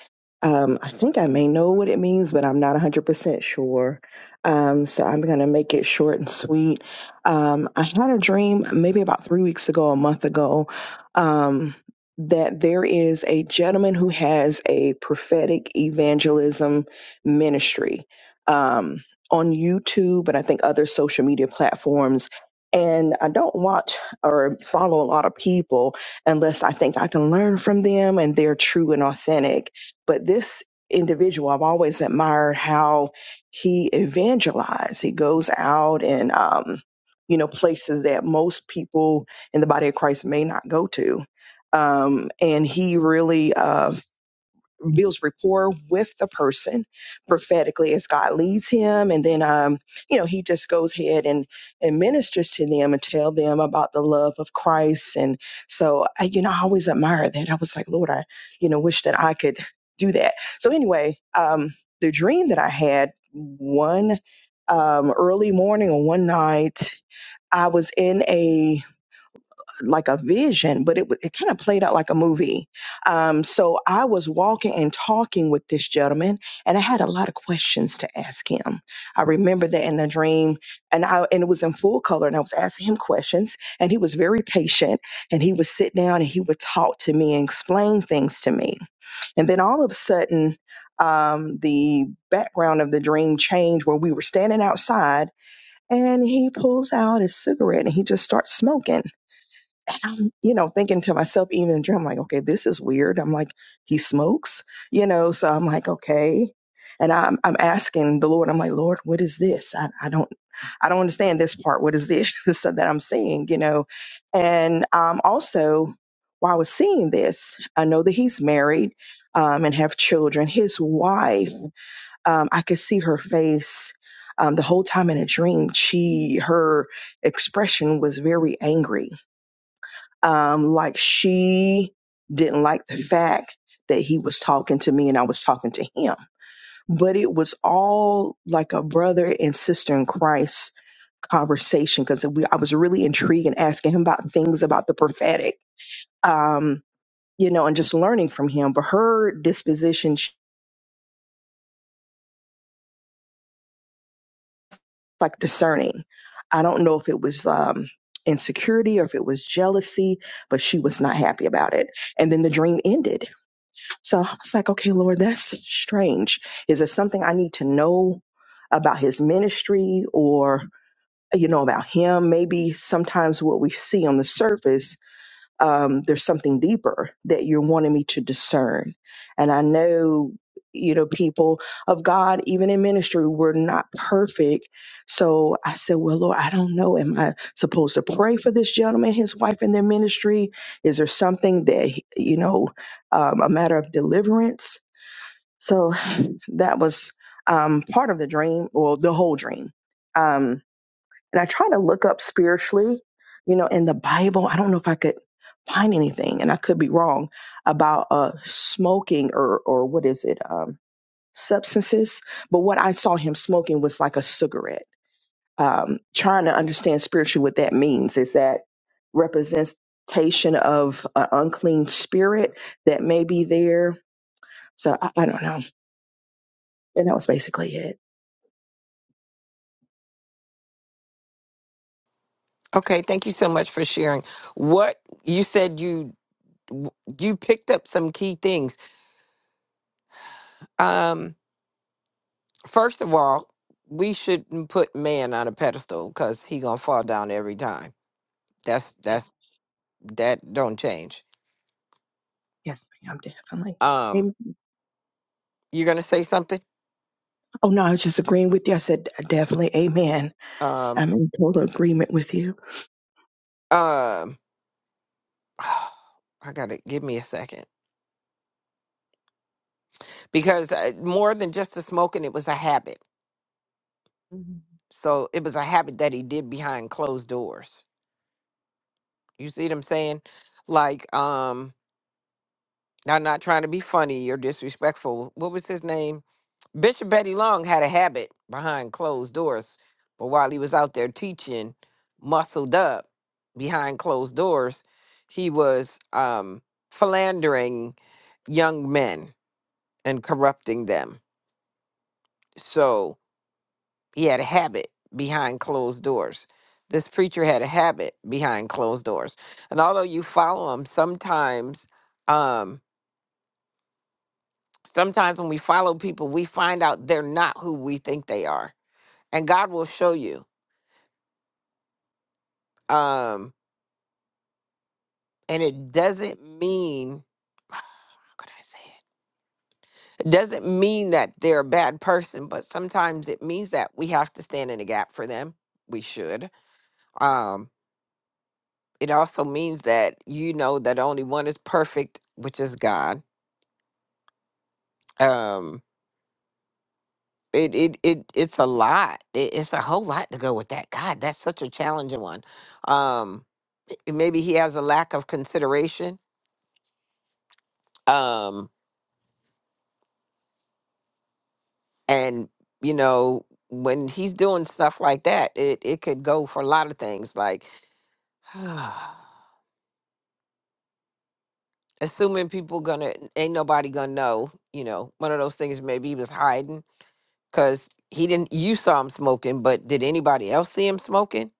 Speaker 5: Um, I think I may know what it means, but I'm not 100% sure. Um, so I'm going to make it short and sweet. Um, I had a dream maybe about three weeks ago, a month ago, um, that there is a gentleman who has a prophetic evangelism ministry um, on YouTube and I think other social media platforms. And I don't watch or follow a lot of people, unless I think I can learn from them and they're true and authentic. But this individual, I've always admired how he evangelized. He goes out and, um, you know, places that most people in the body of Christ may not go to. Um, and he really uh, builds rapport with the person prophetically as God leads him. And then, um, you know, he just goes ahead and, and ministers to them and tell them about the love of Christ. And so, I, you know, I always admire that. I was like, Lord, I, you know, wish that I could do that. So anyway, um, the dream that I had one um, early morning or one night, I was in a like a vision, but it wa- it kind of played out like a movie. Um, so I was walking and talking with this gentleman, and I had a lot of questions to ask him. I remember that in the dream, and I and it was in full color, and I was asking him questions, and he was very patient, and he would sit down and he would talk to me and explain things to me, and then all of a sudden. Um, the background of the dream changed where we were standing outside and he pulls out his cigarette and he just starts smoking. I'm, you know, thinking to myself, even in the dream, I'm like, okay, this is weird. I'm like, he smokes, you know, so I'm like, okay. And I'm, I'm asking the Lord, I'm like, Lord, what is this? I, I don't, I don't understand this part. What is this *laughs* so that I'm seeing, you know? And, um, also while I was seeing this, I know that he's married, um, and have children. His wife, um, I could see her face, um, the whole time in a dream. She, her expression was very angry um, like she didn't like the fact that he was talking to me and I was talking to him. But it was all like a brother and sister in Christ conversation because we I was really intrigued and asking him about things about the prophetic, um, you know, and just learning from him. But her disposition, she's like discerning. I don't know if it was um, insecurity or if it was jealousy, but she was not happy about it. And then the dream ended So I was like, okay, Lord, that's strange. Is it something I need to know about his ministry or, you know, about him? Maybe sometimes what we see on the surface um, there's something deeper that you're wanting me to discern. And I know, you know, people of God, even in ministry, we're not perfect. So I said, Well, Lord, I don't know. Am I supposed to pray for this gentleman, his wife, and their ministry? Is there something that, you know, um, a matter of deliverance? So that was um, part of the dream, or the whole dream. Um, and I try to look up spiritually, you know, in the Bible. I don't know if I could find anything, and I could be wrong about uh, smoking or or what is it, um, substances. But what I saw him smoking was like a cigarette. Um, trying to understand spiritually what that means is that representation of an unclean spirit that may be there. So I, I don't know. And that was basically it.
Speaker 1: Okay, thank you so much for sharing. What you said you you picked up some key things. Um, first of all, we shouldn't put man on a pedestal because he gonna fall down every time. That's that's
Speaker 5: Yes.
Speaker 1: that don't change.
Speaker 5: Yes, ma'am, definitely.
Speaker 1: Um,
Speaker 5: Amen.
Speaker 1: You're gonna say something?
Speaker 5: Oh, no, I was just agreeing with you. I said, definitely, amen.
Speaker 1: Um,
Speaker 5: I'm in total agreement with you.
Speaker 1: um, *sighs* I gotta give me a second because uh, more than just the smoking, it was a habit. So it was a habit that he did behind closed doors. You see what I'm saying? Like, um, I'm not trying to be funny or disrespectful. What was his name? Bishop Betty Long had a habit behind closed doors, but while he was out there teaching, muscled up behind closed doors, he was um, philandering young men and corrupting them. So he had a habit behind closed doors. This preacher had a habit behind closed doors, and although you follow him, sometimes, um, sometimes when we follow people, we find out they're not who we think they are, and God will show you um and it doesn't mean *sighs* how could i say it It doesn't mean that they're a bad person but sometimes it means that we have to stand in the gap for them we should um it also means that you know that only one is perfect which is god um it it, it it's a lot it, it's a whole lot to go with that god that's such a challenging one um maybe he has a lack of consideration um and you know when he's doing stuff like that it it could go for a lot of things like *sighs* assuming people gonna ain't nobody gonna know you know one of those things maybe he was hiding because he didn't you saw him smoking but did anybody else see him smoking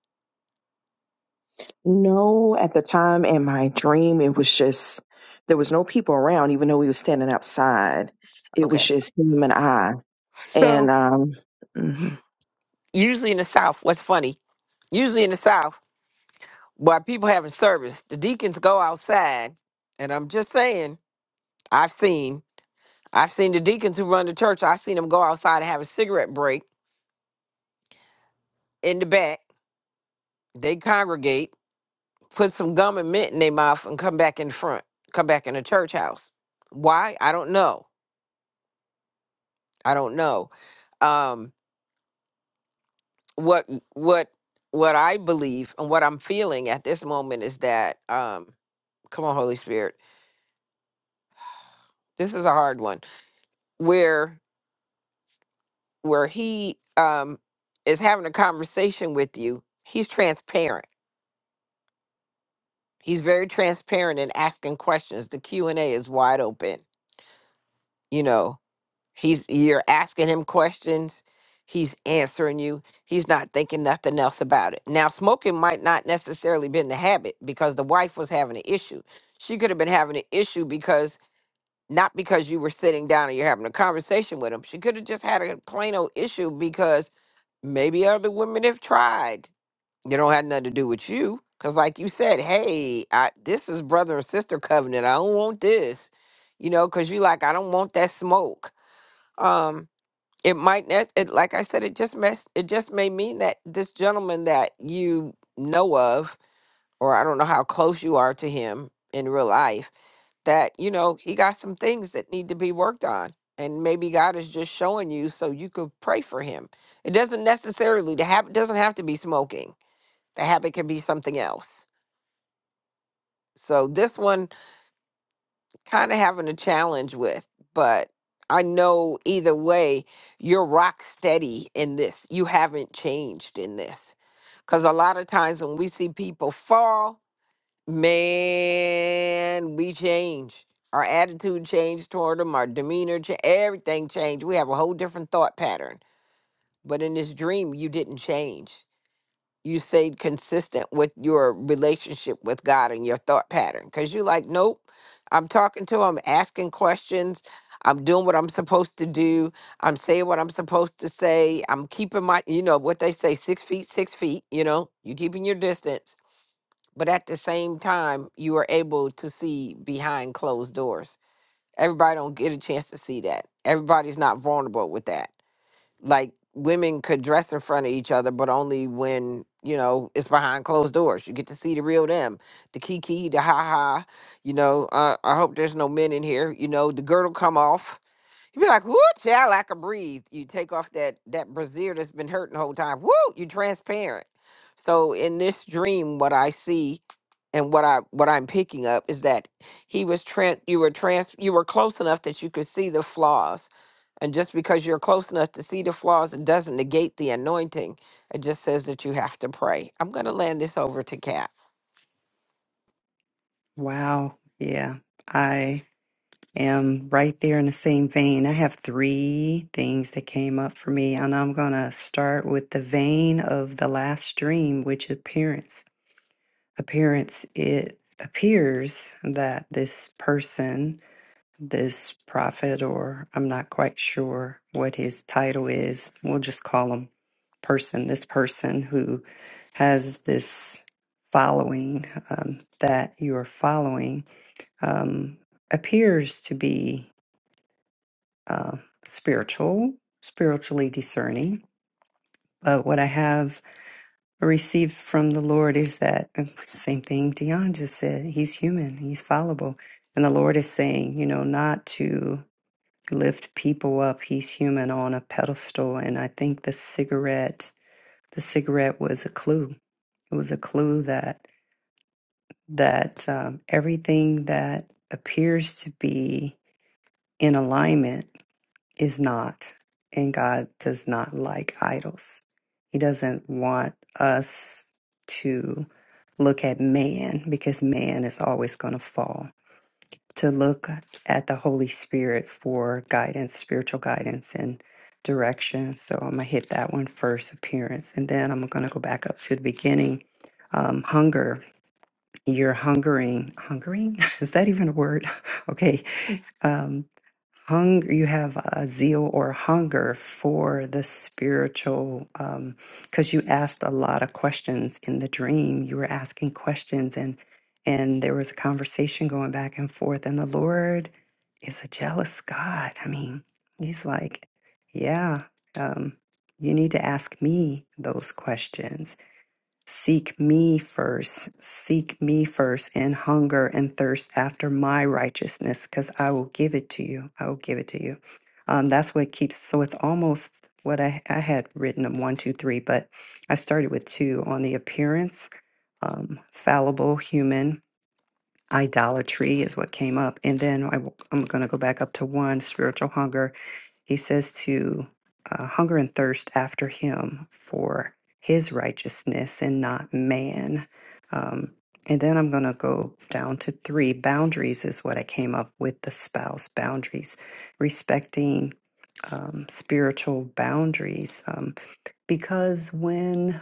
Speaker 5: No, at the time in my dream, it was just there was no people around, even though we were standing outside. It was
Speaker 1: okay
Speaker 5: just him and I. And
Speaker 1: so
Speaker 5: um, mhm.
Speaker 1: usually in the south what's funny usually in the south while people having service the deacons go outside and i'm just saying i've seen i've seen the deacons who run the church i've seen them go outside and have a cigarette break in the back, they congregate, put some gum and mint in their mouth, and come back in front, come back in the church house. Why? I don't know. I don't know. Um, what what what I believe and what I'm feeling at this moment is that um, come on, Holy Spirit, this is a hard one. Where where he um, is having a conversation with you, he's transparent. He's very transparent in asking questions. The Q and A is wide open. You know, He's you're asking him questions, he's answering you. He's not thinking nothing else about it. Now, smoking might not necessarily been the habit because the wife was having an issue. She could have been having an issue because not because you were sitting down and you're having a conversation with him. She could have just had a plain old issue because maybe other women have tried. They don't have nothing to do with you. Cause like you said, hey, I, this is brother and sister covenant. I don't want this, you know. Cause you like, I don't want that smoke. Um, it might not. it like I said, it just mess it just may mean that this gentleman that you know of, or I don't know how close you are to him in real life, that you know he got some things that need to be worked on. And maybe God is just showing you so you could pray for him. It doesn't necessarily the habit doesn't have to be smoking. The habit can be something else. So this one kind of having a challenge with, but I know either way, you're rock steady in this. You haven't changed in this. Because a lot of times when we see people fall, man, we change. Our attitude changed toward them, our demeanor, cha- everything changed. We have a whole different thought pattern. But in this dream, you didn't change you stayed consistent with your relationship with God and your thought pattern. Because you're like, nope, I'm talking to him, asking questions. I'm doing what I'm supposed to do. I'm saying what I'm supposed to say. I'm keeping my, you know, what they say, six feet, six feet, you know, you're keeping your distance. But at the same time, you are able to see behind closed doors. Everybody don't get a chance to see that. Everybody's not vulnerable with that like women could dress in front of each other, but only when you know it's behind closed doors. You get to see the real them, the kiki, the ha ha. You know, uh, I hope there's no men in here. You know, the girdle come off you be like, whoo, child, I can breathe. You take off that that brassiere that's been hurting the whole time. Woo, you transparent. So in this dream, what I see and what I what I'm picking up is that he was trans you were trans you were close enough that you could see the flaws. And just because you're close enough to see the flaws, it doesn't negate the anointing. It just says that you have to pray. I'm gonna land this over to Kat.
Speaker 3: Wow. Yeah. I am right there in the same vein. I have three things that came up for me, and I'm going to start with the vein of the last stream, which appearance. Appearance, it appears that this person this prophet, or I'm not quite sure what his title is. We'll just call him person, this person who has this following um, that you're following um, appears to be uh, spiritual, spiritually discerning. But what I have received from the Lord is that *laughs* same thing Dion just said. He's human, he's fallible. And the Lord is saying, you know, not to lift people up. He's human on a pedestal. And I think the cigarette, the cigarette was a clue. It was a clue that, that um, everything that appears to be in alignment is not. And God does not like idols. He doesn't want us to look at man because man is always going to fall to look at the Holy Spirit for guidance, spiritual guidance, and direction. So I'm gonna hit that one first, appearance, and then I'm gonna go back up to the beginning. Um, hunger, you're hungering, hungering? *laughs* Is that even a word? *laughs* okay. Um, hunger you have a zeal or hunger for the spiritual um because you asked a lot of questions in the dream you were asking questions and and there was a conversation going back and forth and the lord is a jealous god i mean he's like yeah um you need to ask me those questions Seek me first, seek me first, and hunger and thirst after my righteousness, because I will give it to you. I will give it to you. Um, that's what keeps, so it's almost what I, I had written of one, two, three, but I started with two on the appearance, um, fallible human, idolatry is what came up. And then I, am going to go back up to one spiritual hunger. He says to uh, hunger and thirst after him for his righteousness and not man. Um, and then I'm going to go down to three. Boundaries is what I came up with the spouse boundaries, respecting um, spiritual boundaries. Um, because when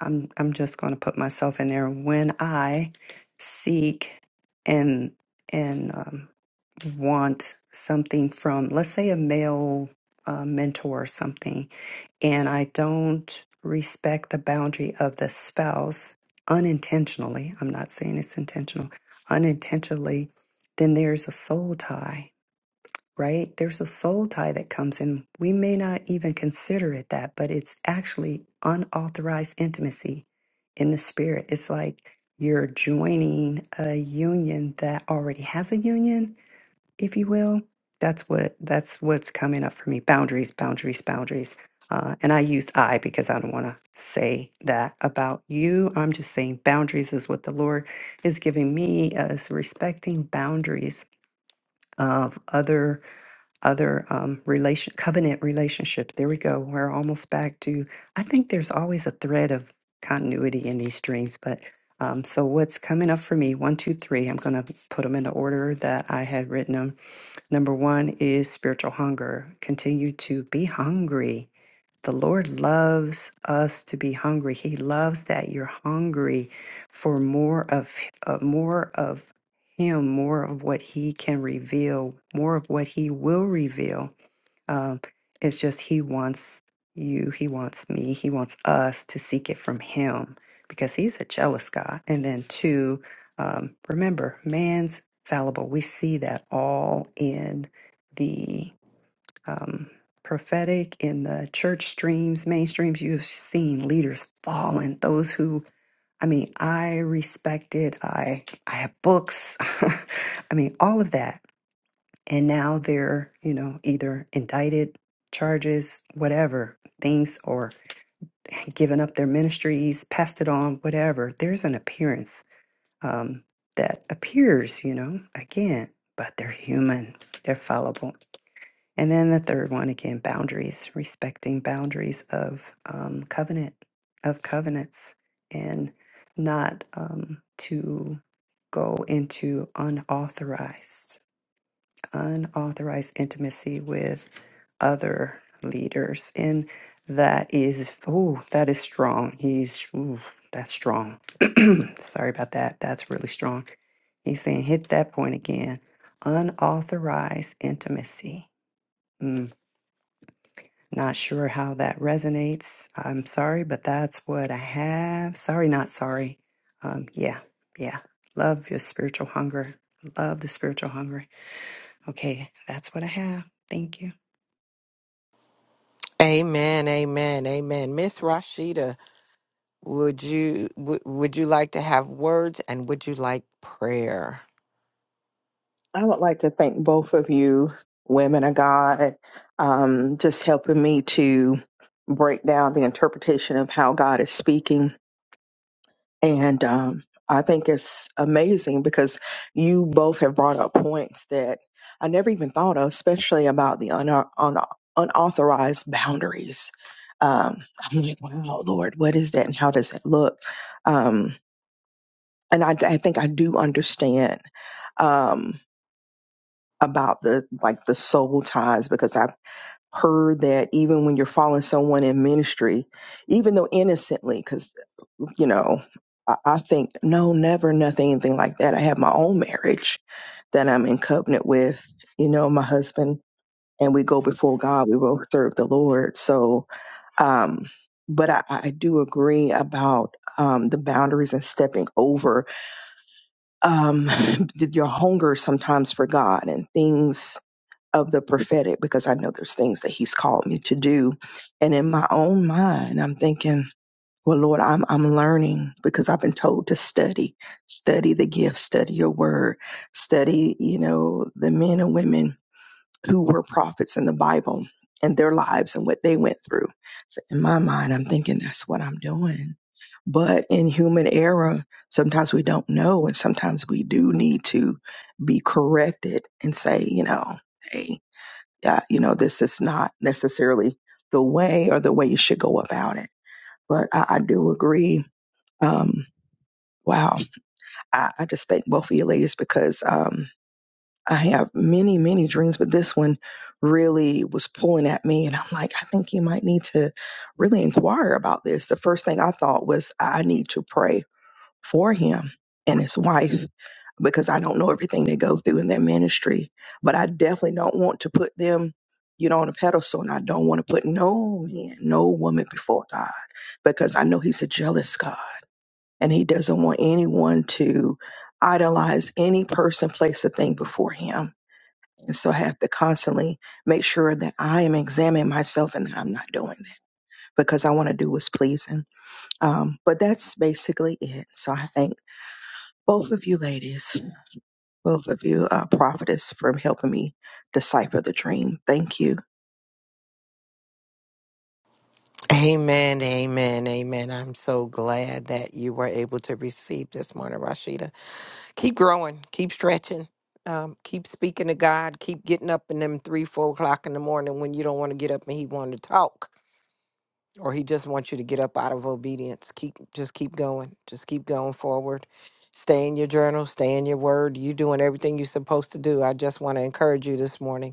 Speaker 3: I'm I'm just going to put myself in there when I seek and and um, want something from, let's say, a male uh, mentor or something, and I don't respect the boundary of the spouse unintentionally. I'm not saying it's intentional. Unintentionally, then there's a soul tie right? There's a soul tie that comes in. We may not even consider it that, but it's actually unauthorized intimacy in the spirit. It's like you're joining a union that already has a union, if you will. That's what that's what's coming up for me. Boundaries, boundaries, boundaries. Uh, and I use I because I don't want to say that about you. I'm just saying boundaries is what the Lord is giving me as respecting boundaries of other other um, relation covenant relationship. There we go. We're almost back to. I think there's always a thread of continuity in these dreams, but um, so what's coming up for me? One, two, three. I'm going to put them in the order that I had written them. Number one is spiritual hunger. Continue to be hungry the Lord loves us to be hungry. He loves that you're hungry for more of uh, more of him, more of what he can reveal, more of what he will reveal. Um, it's just he wants you, he wants me, he wants us to seek it from him because he's a jealous God. And then two, um, remember, man's fallible. We see that all in the um, prophetic in the church streams, mainstreams, you have seen leaders fallen. Those who, I mean, I respected. I I have books. *laughs* I mean, all of that, and now they're you know either indicted, charges, whatever things, or given up their ministries, passed it on, whatever. There's an appearance um, that appears, you know, again, but they're human. They're fallible. And then the third one again, boundaries, respecting boundaries of um, covenant, of covenants, and not um, to go into unauthorized, unauthorized intimacy with other leaders. And that is, oh, that is strong. He's, ooh, that's strong. *clears throat* Sorry about that. That's really strong. He's saying, hit that point again. Unauthorized intimacy. Mm. Not sure how that resonates. I'm sorry, but that's what I have. Sorry, not sorry. Um, yeah, yeah. Love your spiritual hunger. Love the spiritual hunger. Okay, that's what I have. Thank you.
Speaker 1: Amen, amen, amen. Miss Rashida. Would you w- would you like to have words and would you like prayer?
Speaker 5: I would like to thank both of you, women of God, um, just helping me to break down the interpretation of how God is speaking And um, I think it's amazing because you both have brought up points that I never even thought of, especially about the un- un- unauthorized boundaries. Um, I'm like, wow, Lord, what is that and how does that look? Um, and I, I think I do understand um, about the like the soul ties because I've heard that even when you're following someone in ministry, even though innocently, you know, I, I think no, never, nothing, anything like that. I have my own marriage that I'm in covenant with, you know, my husband, and we go before God. We both serve the Lord. So, um, but I, I do agree about um, the boundaries and stepping over um, *laughs* your hunger sometimes for God and things of the prophetic, because I know there's things that He's called me to do. And in my own mind, I'm thinking, well, Lord, I'm I'm learning because I've been told to study, study the gift, study your word, study, you know, the men and women who were prophets in the Bible and their lives and what they went through. So in my mind, I'm thinking that's what I'm doing. But in human error, sometimes we don't know, and sometimes we do need to be corrected and say, you know, hey, yeah, you know, this is not necessarily the way or the way you should go about it. But I, I do agree um, wow. I, I just thank both of you ladies because um, I have many, many dreams, but this one really was pulling at me. And I'm like, I think you might need to really inquire about this. The first thing I thought was, I need to pray for him and his wife because I don't know everything they go through in their ministry, but I definitely don't want to put them. You know, on a pedestal, and I don't want to put no man, no woman before God because I know He's a jealous God and he doesn't want anyone to idolize any person, place, or thing before him. And so I have to constantly make sure that I am examining myself and that I'm not doing that because I want to do what's pleasing. Um, but that's basically it. So I thank both of you ladies, both of you uh, prophetess for helping me decipher the dream. Thank you.
Speaker 1: Amen, amen, amen. I'm so glad that you were able to receive this morning, Rashida. Keep growing, keep stretching, um, keep speaking to God, keep getting up in them three, four o'clock in the morning when you don't want to get up and He want to talk, or He just wants you to get up out of obedience. Keep just keep going, just keep going forward. Stay in your journal, stay in your word. you doing everything you're supposed to do. I just want to encourage you this morning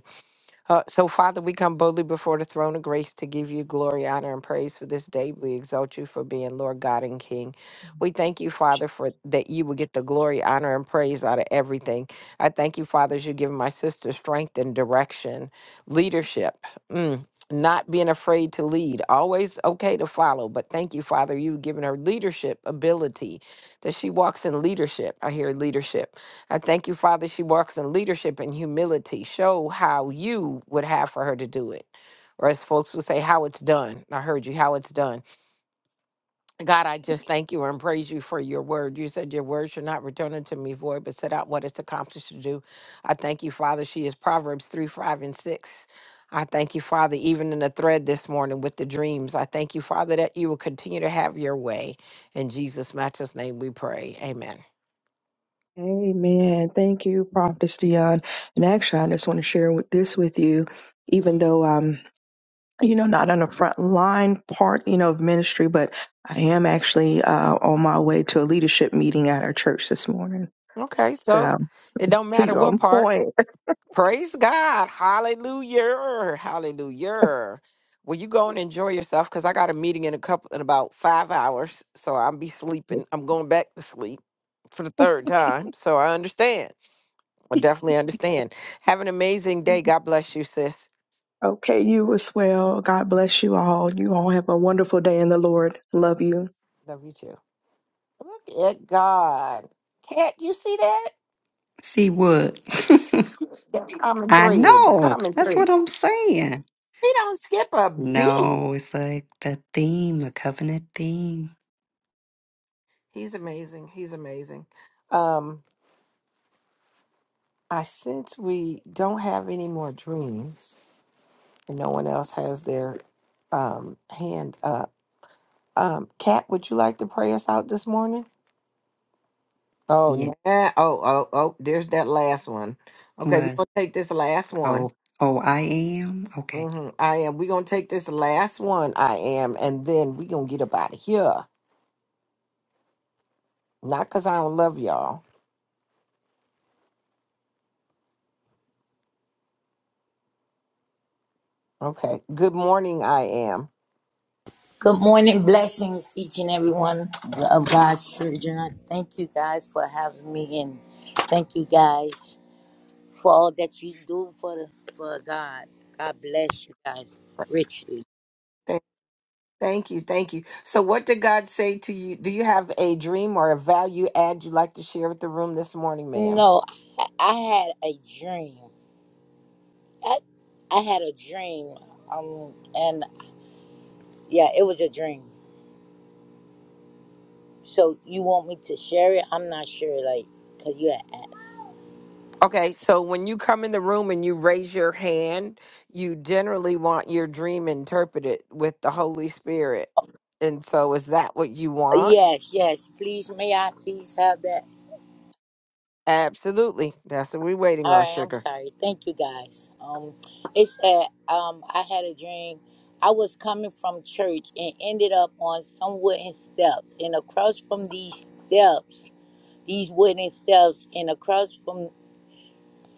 Speaker 1: Uh, so, Father, we come boldly before the throne of grace to give you glory, honor, and praise for this day. We exalt you for being Lord God and King. We thank you, Father, for that you will get the glory, honor, and praise out of everything. I thank you, Father, as you give my sister strength and direction, leadership. Mm, Not being afraid to lead, always okay to follow. But thank you, Father, you've given her leadership ability that she walks in leadership. I hear leadership I thank you, Father. She walks in leadership and humility. Show how you would have for her to do it. Or as folks would say, how it's done. I heard you, how it's done. God, I just thank you and praise you for your word. You said your word should not return unto me void, but set out what it's accomplished to do. I thank you, Father. She is Proverbs 3, 5, and 6. I thank you, Father, even in the thread this morning with the dreams. I thank you, Father, that you will continue to have your way. In Jesus' matchless name we pray. Amen.
Speaker 5: Amen. Thank you, Prophetess Dion. And actually, I just want to share with this with you, even though um. you know, not on the front line part, you know, of ministry, but I am actually uh, on my way to a leadership meeting at our church this morning.
Speaker 1: Okay,
Speaker 5: So
Speaker 1: so it don't matter
Speaker 5: you're
Speaker 1: what
Speaker 5: on
Speaker 1: part.
Speaker 5: point.
Speaker 1: Praise God. Hallelujah. Hallelujah. Well, you go and enjoy yourself because I got a meeting in a couple in about five hours. So I'll be sleeping. I'm going back to sleep for the third time. So I understand. I definitely understand. Have an amazing day. God bless you, sis.
Speaker 5: Okay, you as well. God bless you all. You all have a wonderful day in the Lord. Love you.
Speaker 1: Love you too. Look at God. Cat, you see that?
Speaker 3: See what?
Speaker 1: The
Speaker 3: *laughs*
Speaker 1: common
Speaker 3: I
Speaker 1: thread. The
Speaker 3: know.
Speaker 1: common
Speaker 3: That's
Speaker 1: thread.
Speaker 3: what I'm saying.
Speaker 1: He don't skip a beat.
Speaker 3: No, it's like the theme, the covenant theme.
Speaker 1: He's amazing. He's amazing. Um, I since we don't have any more dreams and no one else has their um hand up. Um, Kat, would you like to pray us out this morning? Oh,
Speaker 3: Yeah.
Speaker 1: nah. oh, oh, oh, there's that last one. Okay, we're
Speaker 3: Well,
Speaker 1: gonna take this last one.
Speaker 3: oh, oh, I am? Okay.
Speaker 1: hmm I am. We're gonna take this last one. I am, and then we're gonna get up out of here. Not because I don't love y'all. Okay. Good morning, I am.
Speaker 6: Good morning, blessings, each and every one of God's children. I thank you guys for having me, and thank you guys for all that you do for the, for God. God bless you guys richly.
Speaker 1: Th- Thank you, thank you. So, what did God say to you? Do you have a dream or a value add you'd like to share with the room this morning, ma'am?
Speaker 6: No, I, I had a dream. I, I had a dream, um, and yeah, it was a dream. So you want me to share it? I'm not sure, like, cause you had asked.
Speaker 1: Okay, so when you come in the room and you raise your hand, you generally want your dream interpreted with the Holy Spirit. And so is that what you want?
Speaker 6: Yes, yes. Please, may I please have that?
Speaker 1: Absolutely. That's what we're waiting
Speaker 6: All
Speaker 1: on,
Speaker 6: right, I'm
Speaker 1: sugar.
Speaker 6: sorry. Thank you guys. Um, it's that um, I had a dream. I was coming from church and ended up on some wooden steps, and across from these steps, these wooden steps, and across from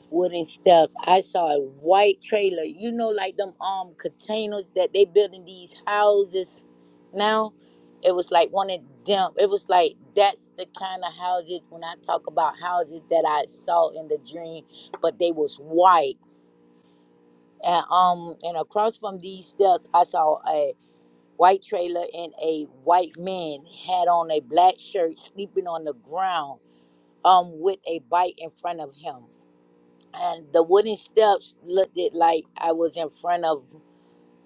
Speaker 6: wooden steps. I saw a white trailer. You know, like them um containers that they building these houses now. It was like one of them. It was like that's the kind of houses when I talk about houses that I saw in the dream, but they was white. And um and across from these steps I saw a white trailer and a white man had on a black shirt sleeping on the ground um with a bike in front of him and the wooden steps looked it like I was in front of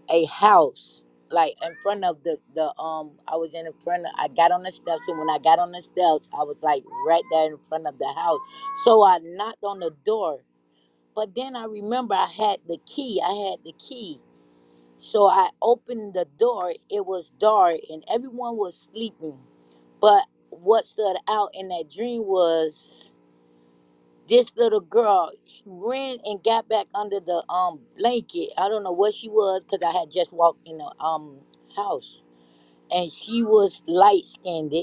Speaker 6: a house, like in front of the the um. I was in front of. I got on the steps, and when I got on the steps, I was like right there in front of the house. So I knocked on the door, but then I remember I had the key. I had the key, so I opened the door. It was dark, and everyone was sleeping. But what stood out in that dream was this little girl she ran and got back under the um blanket. I don't know what she was because I had just walked in the um house, and she was light skinned.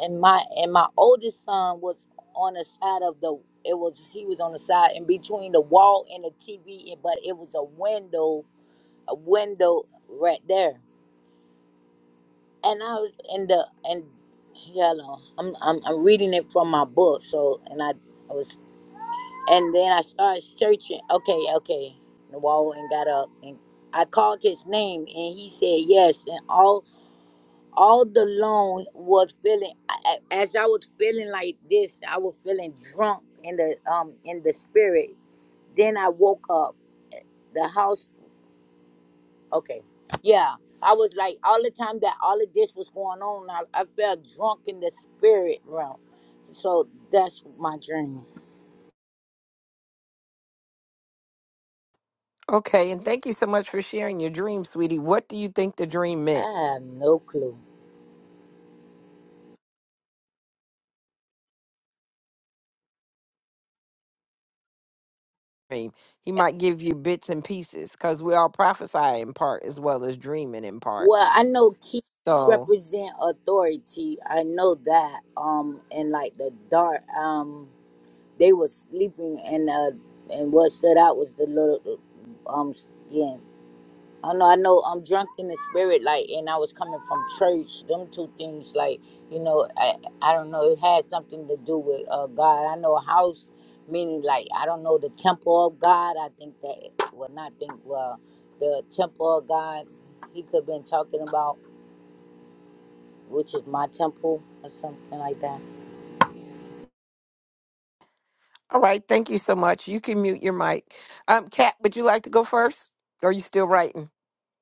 Speaker 6: And my and my oldest son was on the side of the. It was he was on the side in between the wall and the TV, and- but it was a window, a window right there. And I was in the and yeah, no, I'm I'm I'm reading it from my book. So and I I was And then I started searching. Okay, okay. The wall and got up and I called his name and he said yes. And all all the loan was feeling I- I- as I was feeling like this, I was feeling drunk in the um in the spirit. Then I woke up. The house okay. Yeah. I was like all the time that all of this was going on, I, I felt drunk in the spirit realm. So that's my dream.
Speaker 1: Okay, and thank you so much for sharing your dream, sweetie. What do you think the dream meant?
Speaker 6: I have no clue.
Speaker 1: dream. He might give you bits and pieces because we all prophesy in part as well as dreaming in part.
Speaker 6: Well, I know keys
Speaker 1: So,
Speaker 6: represent authority. I know that. Um, and like the dark, um, they was sleeping, and uh, and what stood out was the little, um, skin. I don't know. I know. I'm drunk in the spirit, like, and I was coming from church. Them two things, like, you know, I, I don't know. It had something to do with uh God. I know a house, meaning like I don't know the temple of God. I think that, well, not think well, the temple of God. He could have been talking about which is my temple or something like that.
Speaker 1: all right. Thank you so much. You can mute your mic. Um, Kat, would you like to go first? Or are you still writing?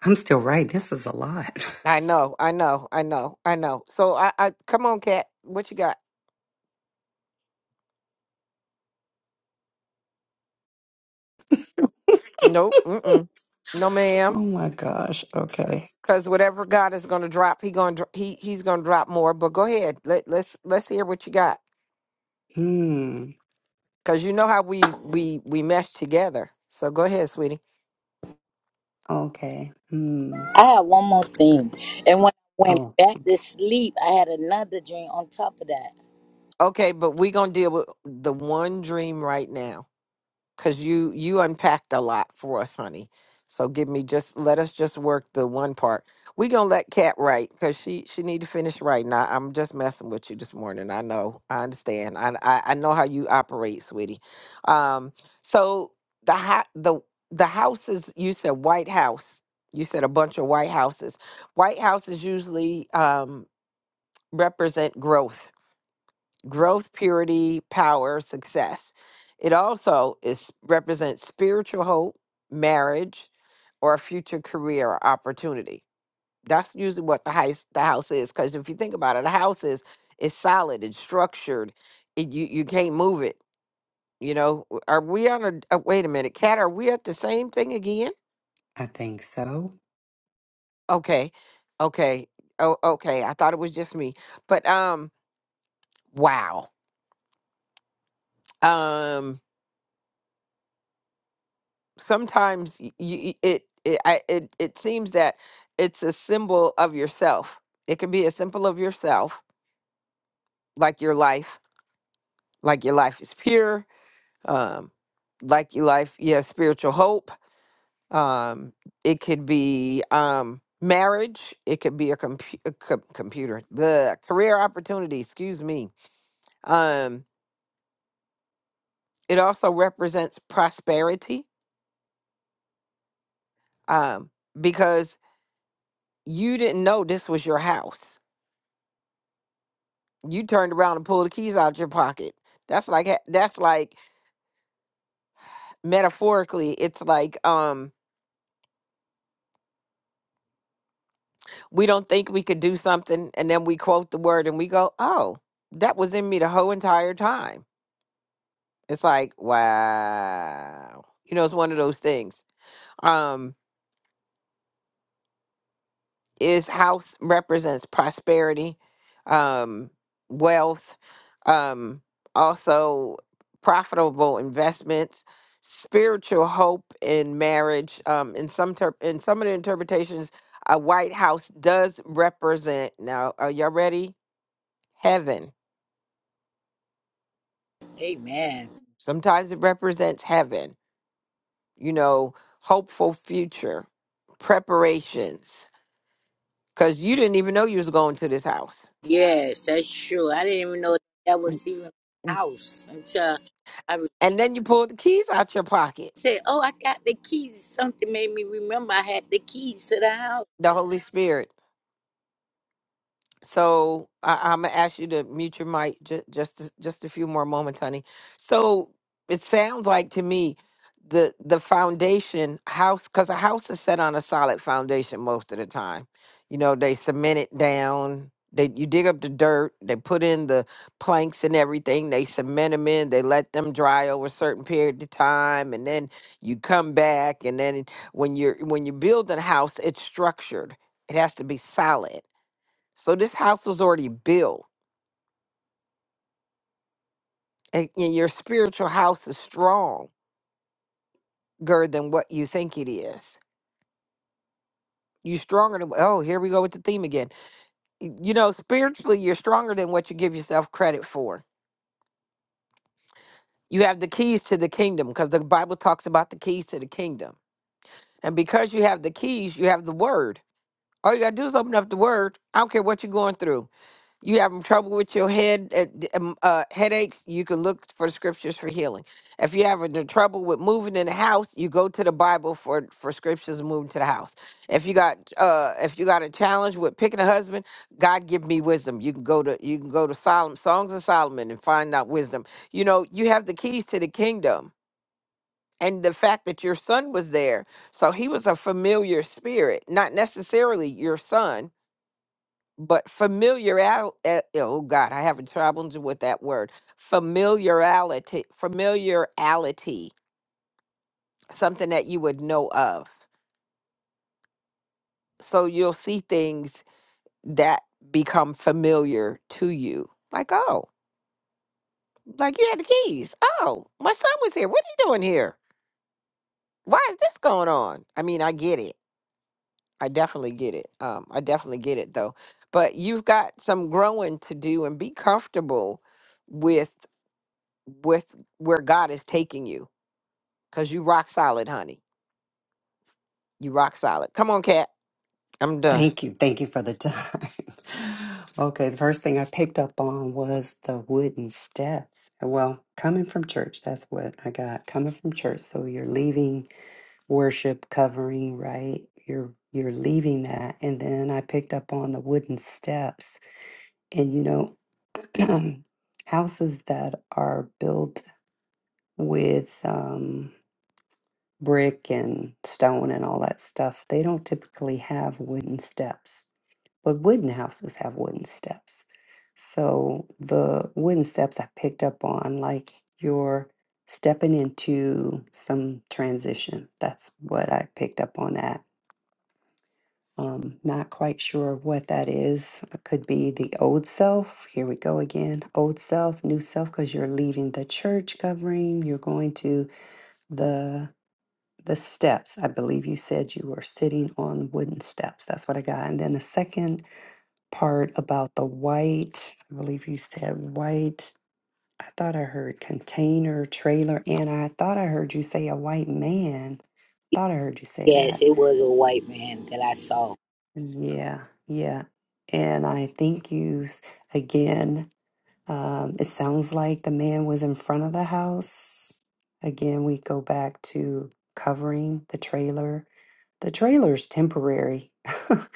Speaker 3: I'm still right. This is a lot.
Speaker 1: I know, I know, I know, I know. So, I, I come on, Kat. What you got? Nope.
Speaker 3: *laughs*
Speaker 1: Mm-mm. No,
Speaker 3: oh
Speaker 1: ma'am.
Speaker 3: my gosh. Okay.
Speaker 1: Because whatever God is going to drop, he going to he he's going to drop more. But go ahead. Let let's let's hear what you got.
Speaker 3: Hmm.
Speaker 1: Because you know how we we we mesh together. So go ahead, sweetie.
Speaker 3: Okay. Hmm.
Speaker 6: I had one more thing, and when I went
Speaker 3: Oh,
Speaker 6: back to
Speaker 3: okay.
Speaker 6: sleep, I had another dream on top of that.
Speaker 1: Okay, but we gonna deal with the one dream right now. because you you unpacked a lot for us honey so give me just let us just work the one part we gonna let kat write because she she need to finish writing I, i'm just messing with you this morning i know i understand i i, I know how you operate sweetie um so the ha- the the houses you said white house you said a bunch of white houses white houses usually um represent growth growth, purity, power, success. It also is represents spiritual hope, marriage, or a future career or opportunity. That's usually what the house the house is. Because if you think about it, a house is is solid, it's structured. It, you you can't move it. You know, W- are we on a uh, wait a minute, Kat? Are we at the same thing again?
Speaker 3: I think so.
Speaker 1: Okay, okay, oh okay. I thought it was just me, but um, wow. um. sometimes y- y- it it, I, it it seems that it's a symbol of yourself. It could be a symbol of yourself, like your life, like your life is pure, um, like your life, you have spiritual hope. Um, it could be um, marriage. It could be a, compu- a com- computer, the career opportunity. Excuse me. Um, it also represents prosperity um, because you didn't know this was your house you turned around and pulled the keys out your pocket. That's like ha- that's like metaphorically, it's like um we don't think we could do something and then we quote the word and we go, "Oh, that was in me the whole entire time." It's like, "Wow." You know, it's one of those things. Um. is house represents prosperity, um, wealth, um, also profitable investments, spiritual hope in marriage. Um, in some ter- in some of the interpretations, a White House does represent. Now, are y'all ready? Heaven.
Speaker 6: Amen.
Speaker 1: Sometimes it represents heaven. You know, hopeful future, preparations. Cause you didn't even know you was going to this house,
Speaker 6: Yes, that's true. I didn't even know that was even my house until I re-
Speaker 1: and then you pulled the keys out your pocket
Speaker 6: said, "Oh, I got the keys." Something made me remember I had the keys to the house.
Speaker 1: The Holy Spirit. So I, I'm gonna ask you to mute your mic j- just a- just a few more moments, honey. So it sounds like to me the the foundation house because a house is set on a solid foundation most of the time. You know, they cement it down. They you dig up the dirt. They put in the planks and everything. They cement them in. They let them dry over a certain period of time, and then you come back. And then when you're when you're building a house, it's structured. It has to be solid so this house was already built, and, and your spiritual house is stronger than what you think it is. You're stronger than oh, here we go with the theme again. Y- You know, spiritually, you're stronger than what you give yourself credit for. You have the keys to the kingdom because the Bible talks about the keys to the kingdom, and because you have the keys, you have the word. All you gotta do is open up the word. I don't care what you're going through. you having trouble with your head uh, d- um, uh, headaches you can look for scriptures for healing if you having the trouble with moving in the house you go to the bible for for scriptures moving to the house if you got uh if you got a challenge with picking a husband god give me wisdom you can go to you can go to solomon songs of solomon and find out wisdom you know you have the keys to the kingdom and the fact that your son was there so he was a familiar spirit not necessarily your son but familiarity oh god i have problems with that word familiarity familiarity something that you would know of so you'll see things that become familiar to you like oh like you had the keys oh my son was here what are you doing here why is this going on i mean i get it i definitely get it um i definitely get it though but you've got some growing to do and be comfortable with with where God is taking you. Cause you rock solid, honey. You rock solid. Come on, cat. I'm done.
Speaker 3: Thank you. Thank you for the time. *laughs* okay, the first thing I picked up on was the wooden steps. Well, coming from church, that's what I got. Coming from church, so you're leaving worship covering, right? You're you're leaving that. And then I picked up on the wooden steps. And you know, *clears throat* houses that are built with um, brick and stone and all that stuff, they don't typically have wooden steps. But wooden houses have wooden steps. So the wooden steps I picked up on, like you're stepping into some transition. That's what I picked up on that. Um, not quite sure what that is. It could be the old self. Here we go again. Old self, new self, because you're leaving the church covering. You're going to the the steps. I believe you said you were sitting on wooden steps. That's what I got. And then the second part about the white, I believe you said white. I thought I heard container, trailer, and I thought I heard you say a white man. Thought I heard you say
Speaker 6: Yes,
Speaker 3: that.
Speaker 6: it was a white man that I saw.
Speaker 3: Yeah, yeah. And I think you, s- again, um, it sounds like the man was in front of the house. Again, we go back to covering the trailer the trailer's temporary *laughs*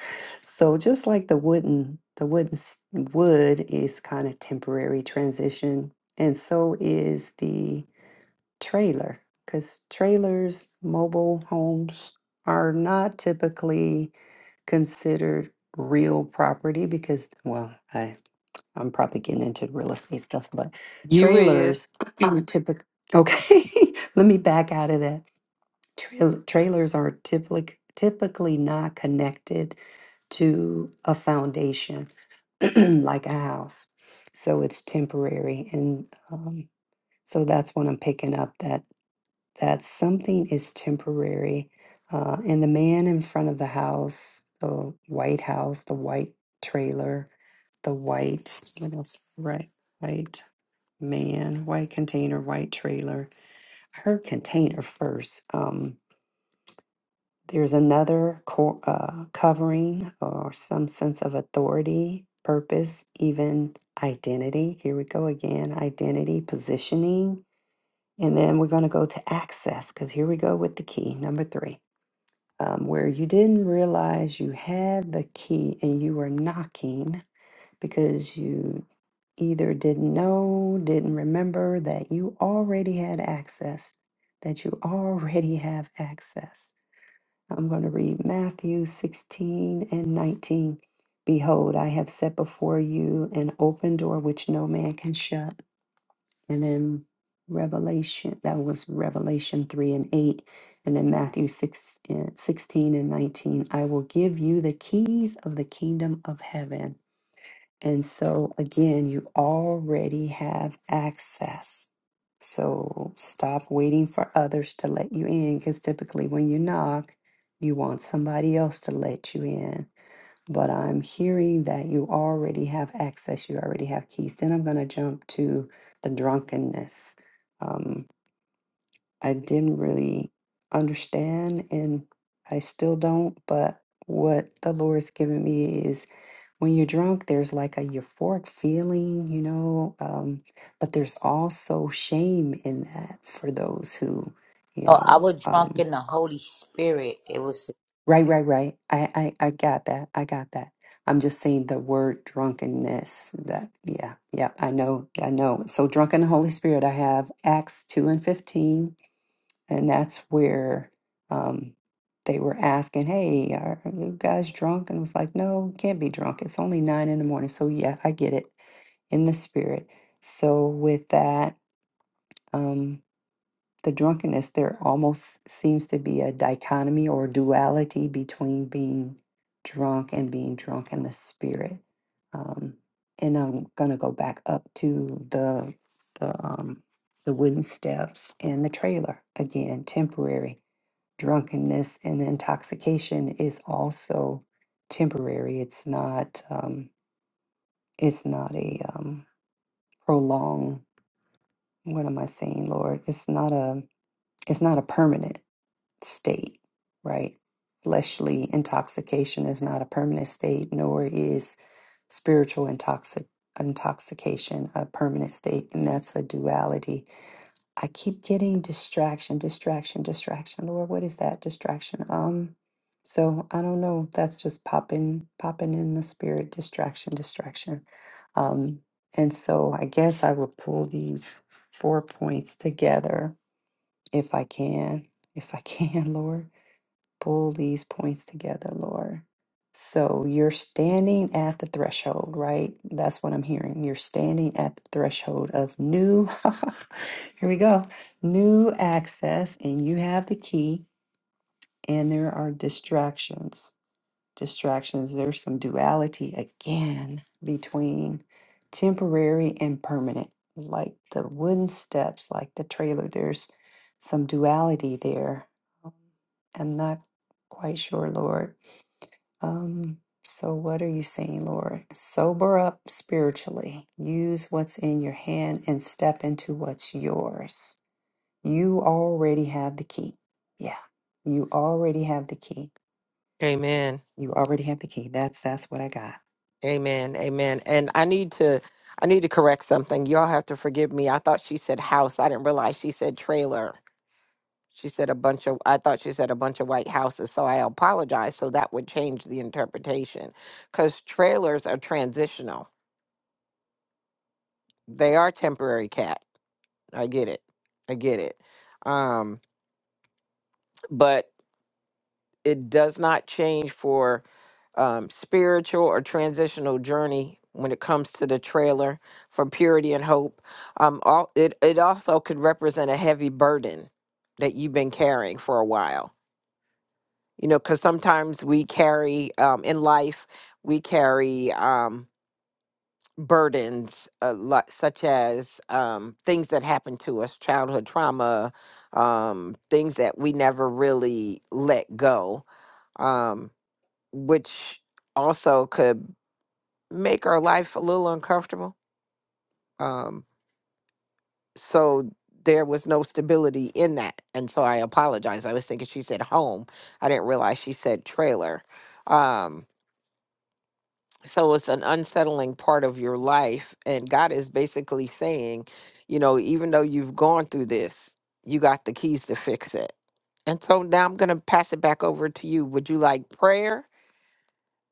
Speaker 3: so just like the wooden the wooden s- wood is kind of temporary transition and so is the trailer because trailers mobile homes are not typically considered real property because well i i'm probably getting into real estate stuff but
Speaker 1: You
Speaker 3: trailers
Speaker 1: is.
Speaker 3: *clears throat* typically okay *laughs* let me back out of that Trail trailers are typically typically not connected to a foundation *clears throat* like a house, so it's temporary, and um, so that's what I'm picking up that that something is temporary. Uh, and the man in front of the house, the white house, the white trailer, the white what else? Right, white man, white container, white trailer. I heard container first. Um, there's another co- uh, covering or some sense of authority, purpose, even identity. Here we go again identity, positioning. And then we're going to go to access because here we go with the key, number three, um, where you didn't realize you had the key and you were knocking because you either didn't know, didn't remember that you already had access, that you already have access I'm going to read Matthew 16 and 19. Behold, I have set before you an open door which no man can shut. And then Revelation, that was Revelation 3 and 8. And then Matthew 6, and 16 and 19. I will give you the keys of the kingdom of heaven. And so, again, you already have access. So, stop waiting for others to let you in because typically when you knock, you want somebody else to let you in. But I'm hearing that you already have access, you already have keys. Then I'm going to jump to the drunkenness. Um, I didn't really understand, and I still don't, but what the Lord's given me when you're drunk, there's like a euphoric feeling, you know, um, but there's also shame in that for those who, you
Speaker 6: Oh, I
Speaker 3: know,
Speaker 6: was drunk
Speaker 3: um,
Speaker 6: in the Holy Spirit. It was.
Speaker 3: right, right, right. I, I, I got that. I got that. I'm just saying the word drunkenness. That, yeah, yeah, I know, I know. So, drunk in the Holy Spirit, I have Acts 2 and 15 and that's where um, they were asking, "Hey, are you guys drunk?" And it was like, "No, can't be drunk. It's only nine in the morning." So yeah, I get it in the spirit. So with that, um, the drunkenness there almost seems to be a dichotomy or duality between being drunk and being drunk in the spirit. Um, and I'm gonna go back up to the the um, the wooden steps and the trailer again, temporary drunkenness and intoxication is also temporary. It's not um it's not a um prolonged what am I saying, Lord? It's not a it's not a permanent state, right? Fleshly intoxication is not a permanent state, nor is spiritual intoxic intoxication a permanent state, and that's a duality I keep getting distraction, distraction, distraction. Lord, what is that distraction? Um, so I don't know. That's just popping, popping in the spirit. Distraction, distraction. Um, and so I guess I will pull these four points together if I can, if I can, *laughs* Lord pull these points together, Lord. So you're standing at the threshold, right? That's what I'm hearing. You're standing at the threshold of new, *laughs* here we go, new access, and you have the key, and there are distractions distractions, there's some duality again between temporary and permanent. Like the wooden steps, like the trailer, there's some duality there. Um, I'm not quite sure, Lord. Um, so, what are you saying, Lord? Sober up spiritually. Use what's in your hand and step into what's yours. You already have the key. Yeah, you already have the key.
Speaker 1: Amen.
Speaker 3: You already have the key. That's that's what I got.
Speaker 1: Amen. Amen. And I need to I need to correct something. Y'all have to forgive me. I thought she said house. I didn't realize she said trailer. She said a bunch of I thought she said a bunch of white houses. So I apologize. So that would change the interpretation. Cause trailers are transitional. They are temporary cat. I get it. I get it. Um, but it does not change for um, spiritual or transitional journey when it comes to the trailer for purity and hope. Um, all, it it also could represent a heavy burden that you've been carrying for a while. You know, because sometimes we carry um, in life we carry um, burdens uh, li- such as um, things that happened to us, childhood trauma, um, things that we never really let go Um, which also could make our life a little uncomfortable. Um, so there was no stability in that. And so I apologized. I was thinking she said home. I didn't realize she said trailer. Um, so it's an unsettling part of your life. And God is basically saying, you know, even though you've gone through this, you got the keys to fix it. And so now I'm going to pass it back over to you. Would you like prayer?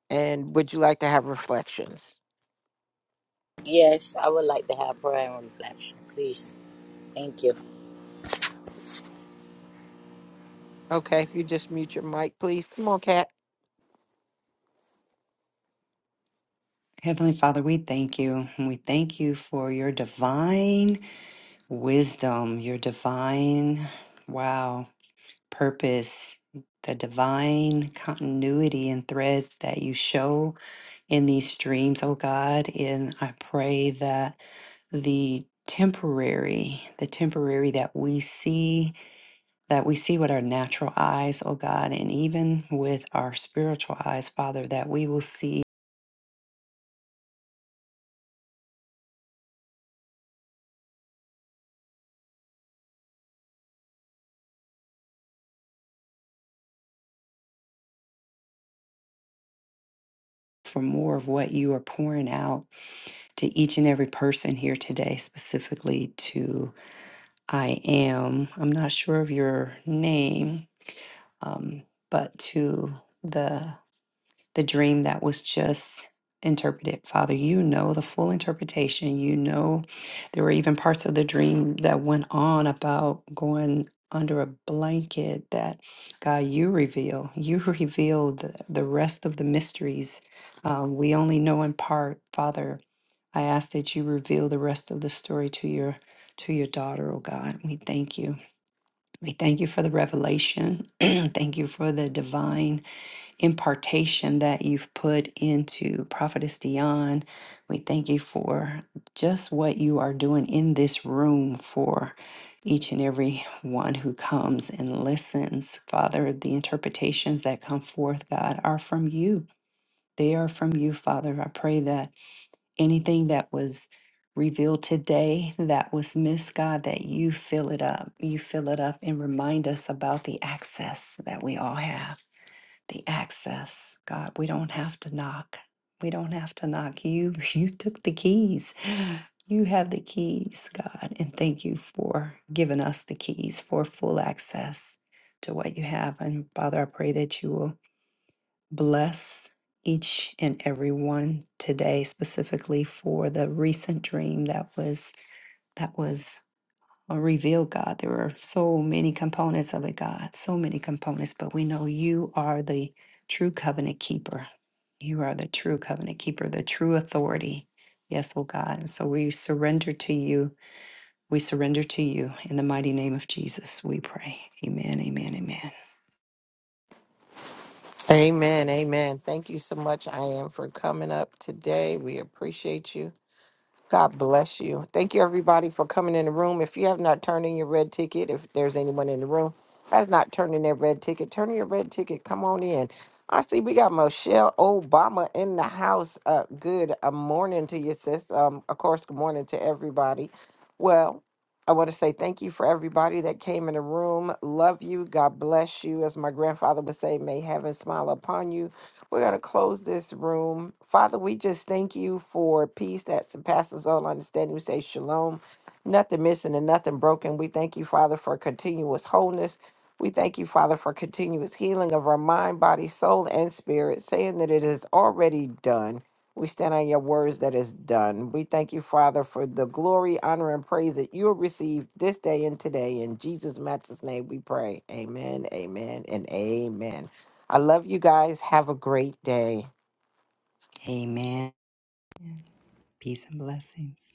Speaker 1: And would you like to have reflections?
Speaker 6: Yes, I would like to have prayer and reflection, please. Thank you.
Speaker 1: Okay, if you just mute your mic, please. Come on, Kat.
Speaker 3: Heavenly Father, we thank you. and We thank you for your divine wisdom, your divine, wow, purpose, the divine continuity and threads that you show in these streams, oh God. And I pray that the temporary, the temporary that we see, that we see with our natural eyes, oh God, and even with our spiritual eyes, Father, that we will see for more of what you are pouring out to each and every person here today, specifically to I am. I'm not sure of your name, um, but to the the dream that was just interpreted. Father, you know the full interpretation. You know there were even parts of the dream that went on about going under a blanket that God you reveal. You *laughs* reveal the, the rest of the mysteries. Um, we only know in part, Father I ask that you reveal the rest of the story to your to your daughter, oh God. We thank you. We thank you for the revelation. *clears throat* thank you for the divine impartation that you've put into Prophetess Dion. We thank you for just what you are doing in this room for each and every one who comes and listens. Father, the interpretations that come forth, God, are from you. They are from you, Father. I pray that anything that was revealed today that was missed, God, that you fill it up. You fill it up and remind us about the access that we all have. The access, God, we don't have to knock. We don't have to knock. You *laughs* you took the keys. You have the keys, God, and thank you for giving us the keys for full access to what you have. And Father, I pray that you will bless each and every one today specifically for the recent dream that was that was uh, revealed god there were so many components of it god so many components but we know you are the true covenant keeper you are the true covenant keeper the true authority yes oh god and so we surrender to you we surrender to you in the mighty name of jesus we pray amen amen amen
Speaker 1: Amen. Amen. Thank you so much, I am, for coming up today. We appreciate you. God bless you. Thank you, everybody, for coming in the room. If you have not turned in your red ticket, if there's anyone in the room has not turned in their red ticket, turn in your red ticket. Come on in. I see we got Michelle Obama in the house. Uh, good uh, morning to you, sis. Um, of course, good morning to everybody. Well, I want to say thank you for everybody that came in the room. Love you. God bless you. As my grandfather would say, may heaven smile upon you. We're going to close this room. Father, we just thank you for peace that surpasses all understanding. We say shalom, nothing missing and nothing broken. We thank you, Father, for continuous wholeness. We thank you, Father, for continuous healing of our mind, body, soul, and spirit, saying that it is already done. We stand on your words that is done. We thank you, Father, for the glory, honor, and praise that you have received this day and today. In Jesus' matchless name we pray. Amen, amen, and amen. I love you guys. Have a great day.
Speaker 3: amen peace and blessings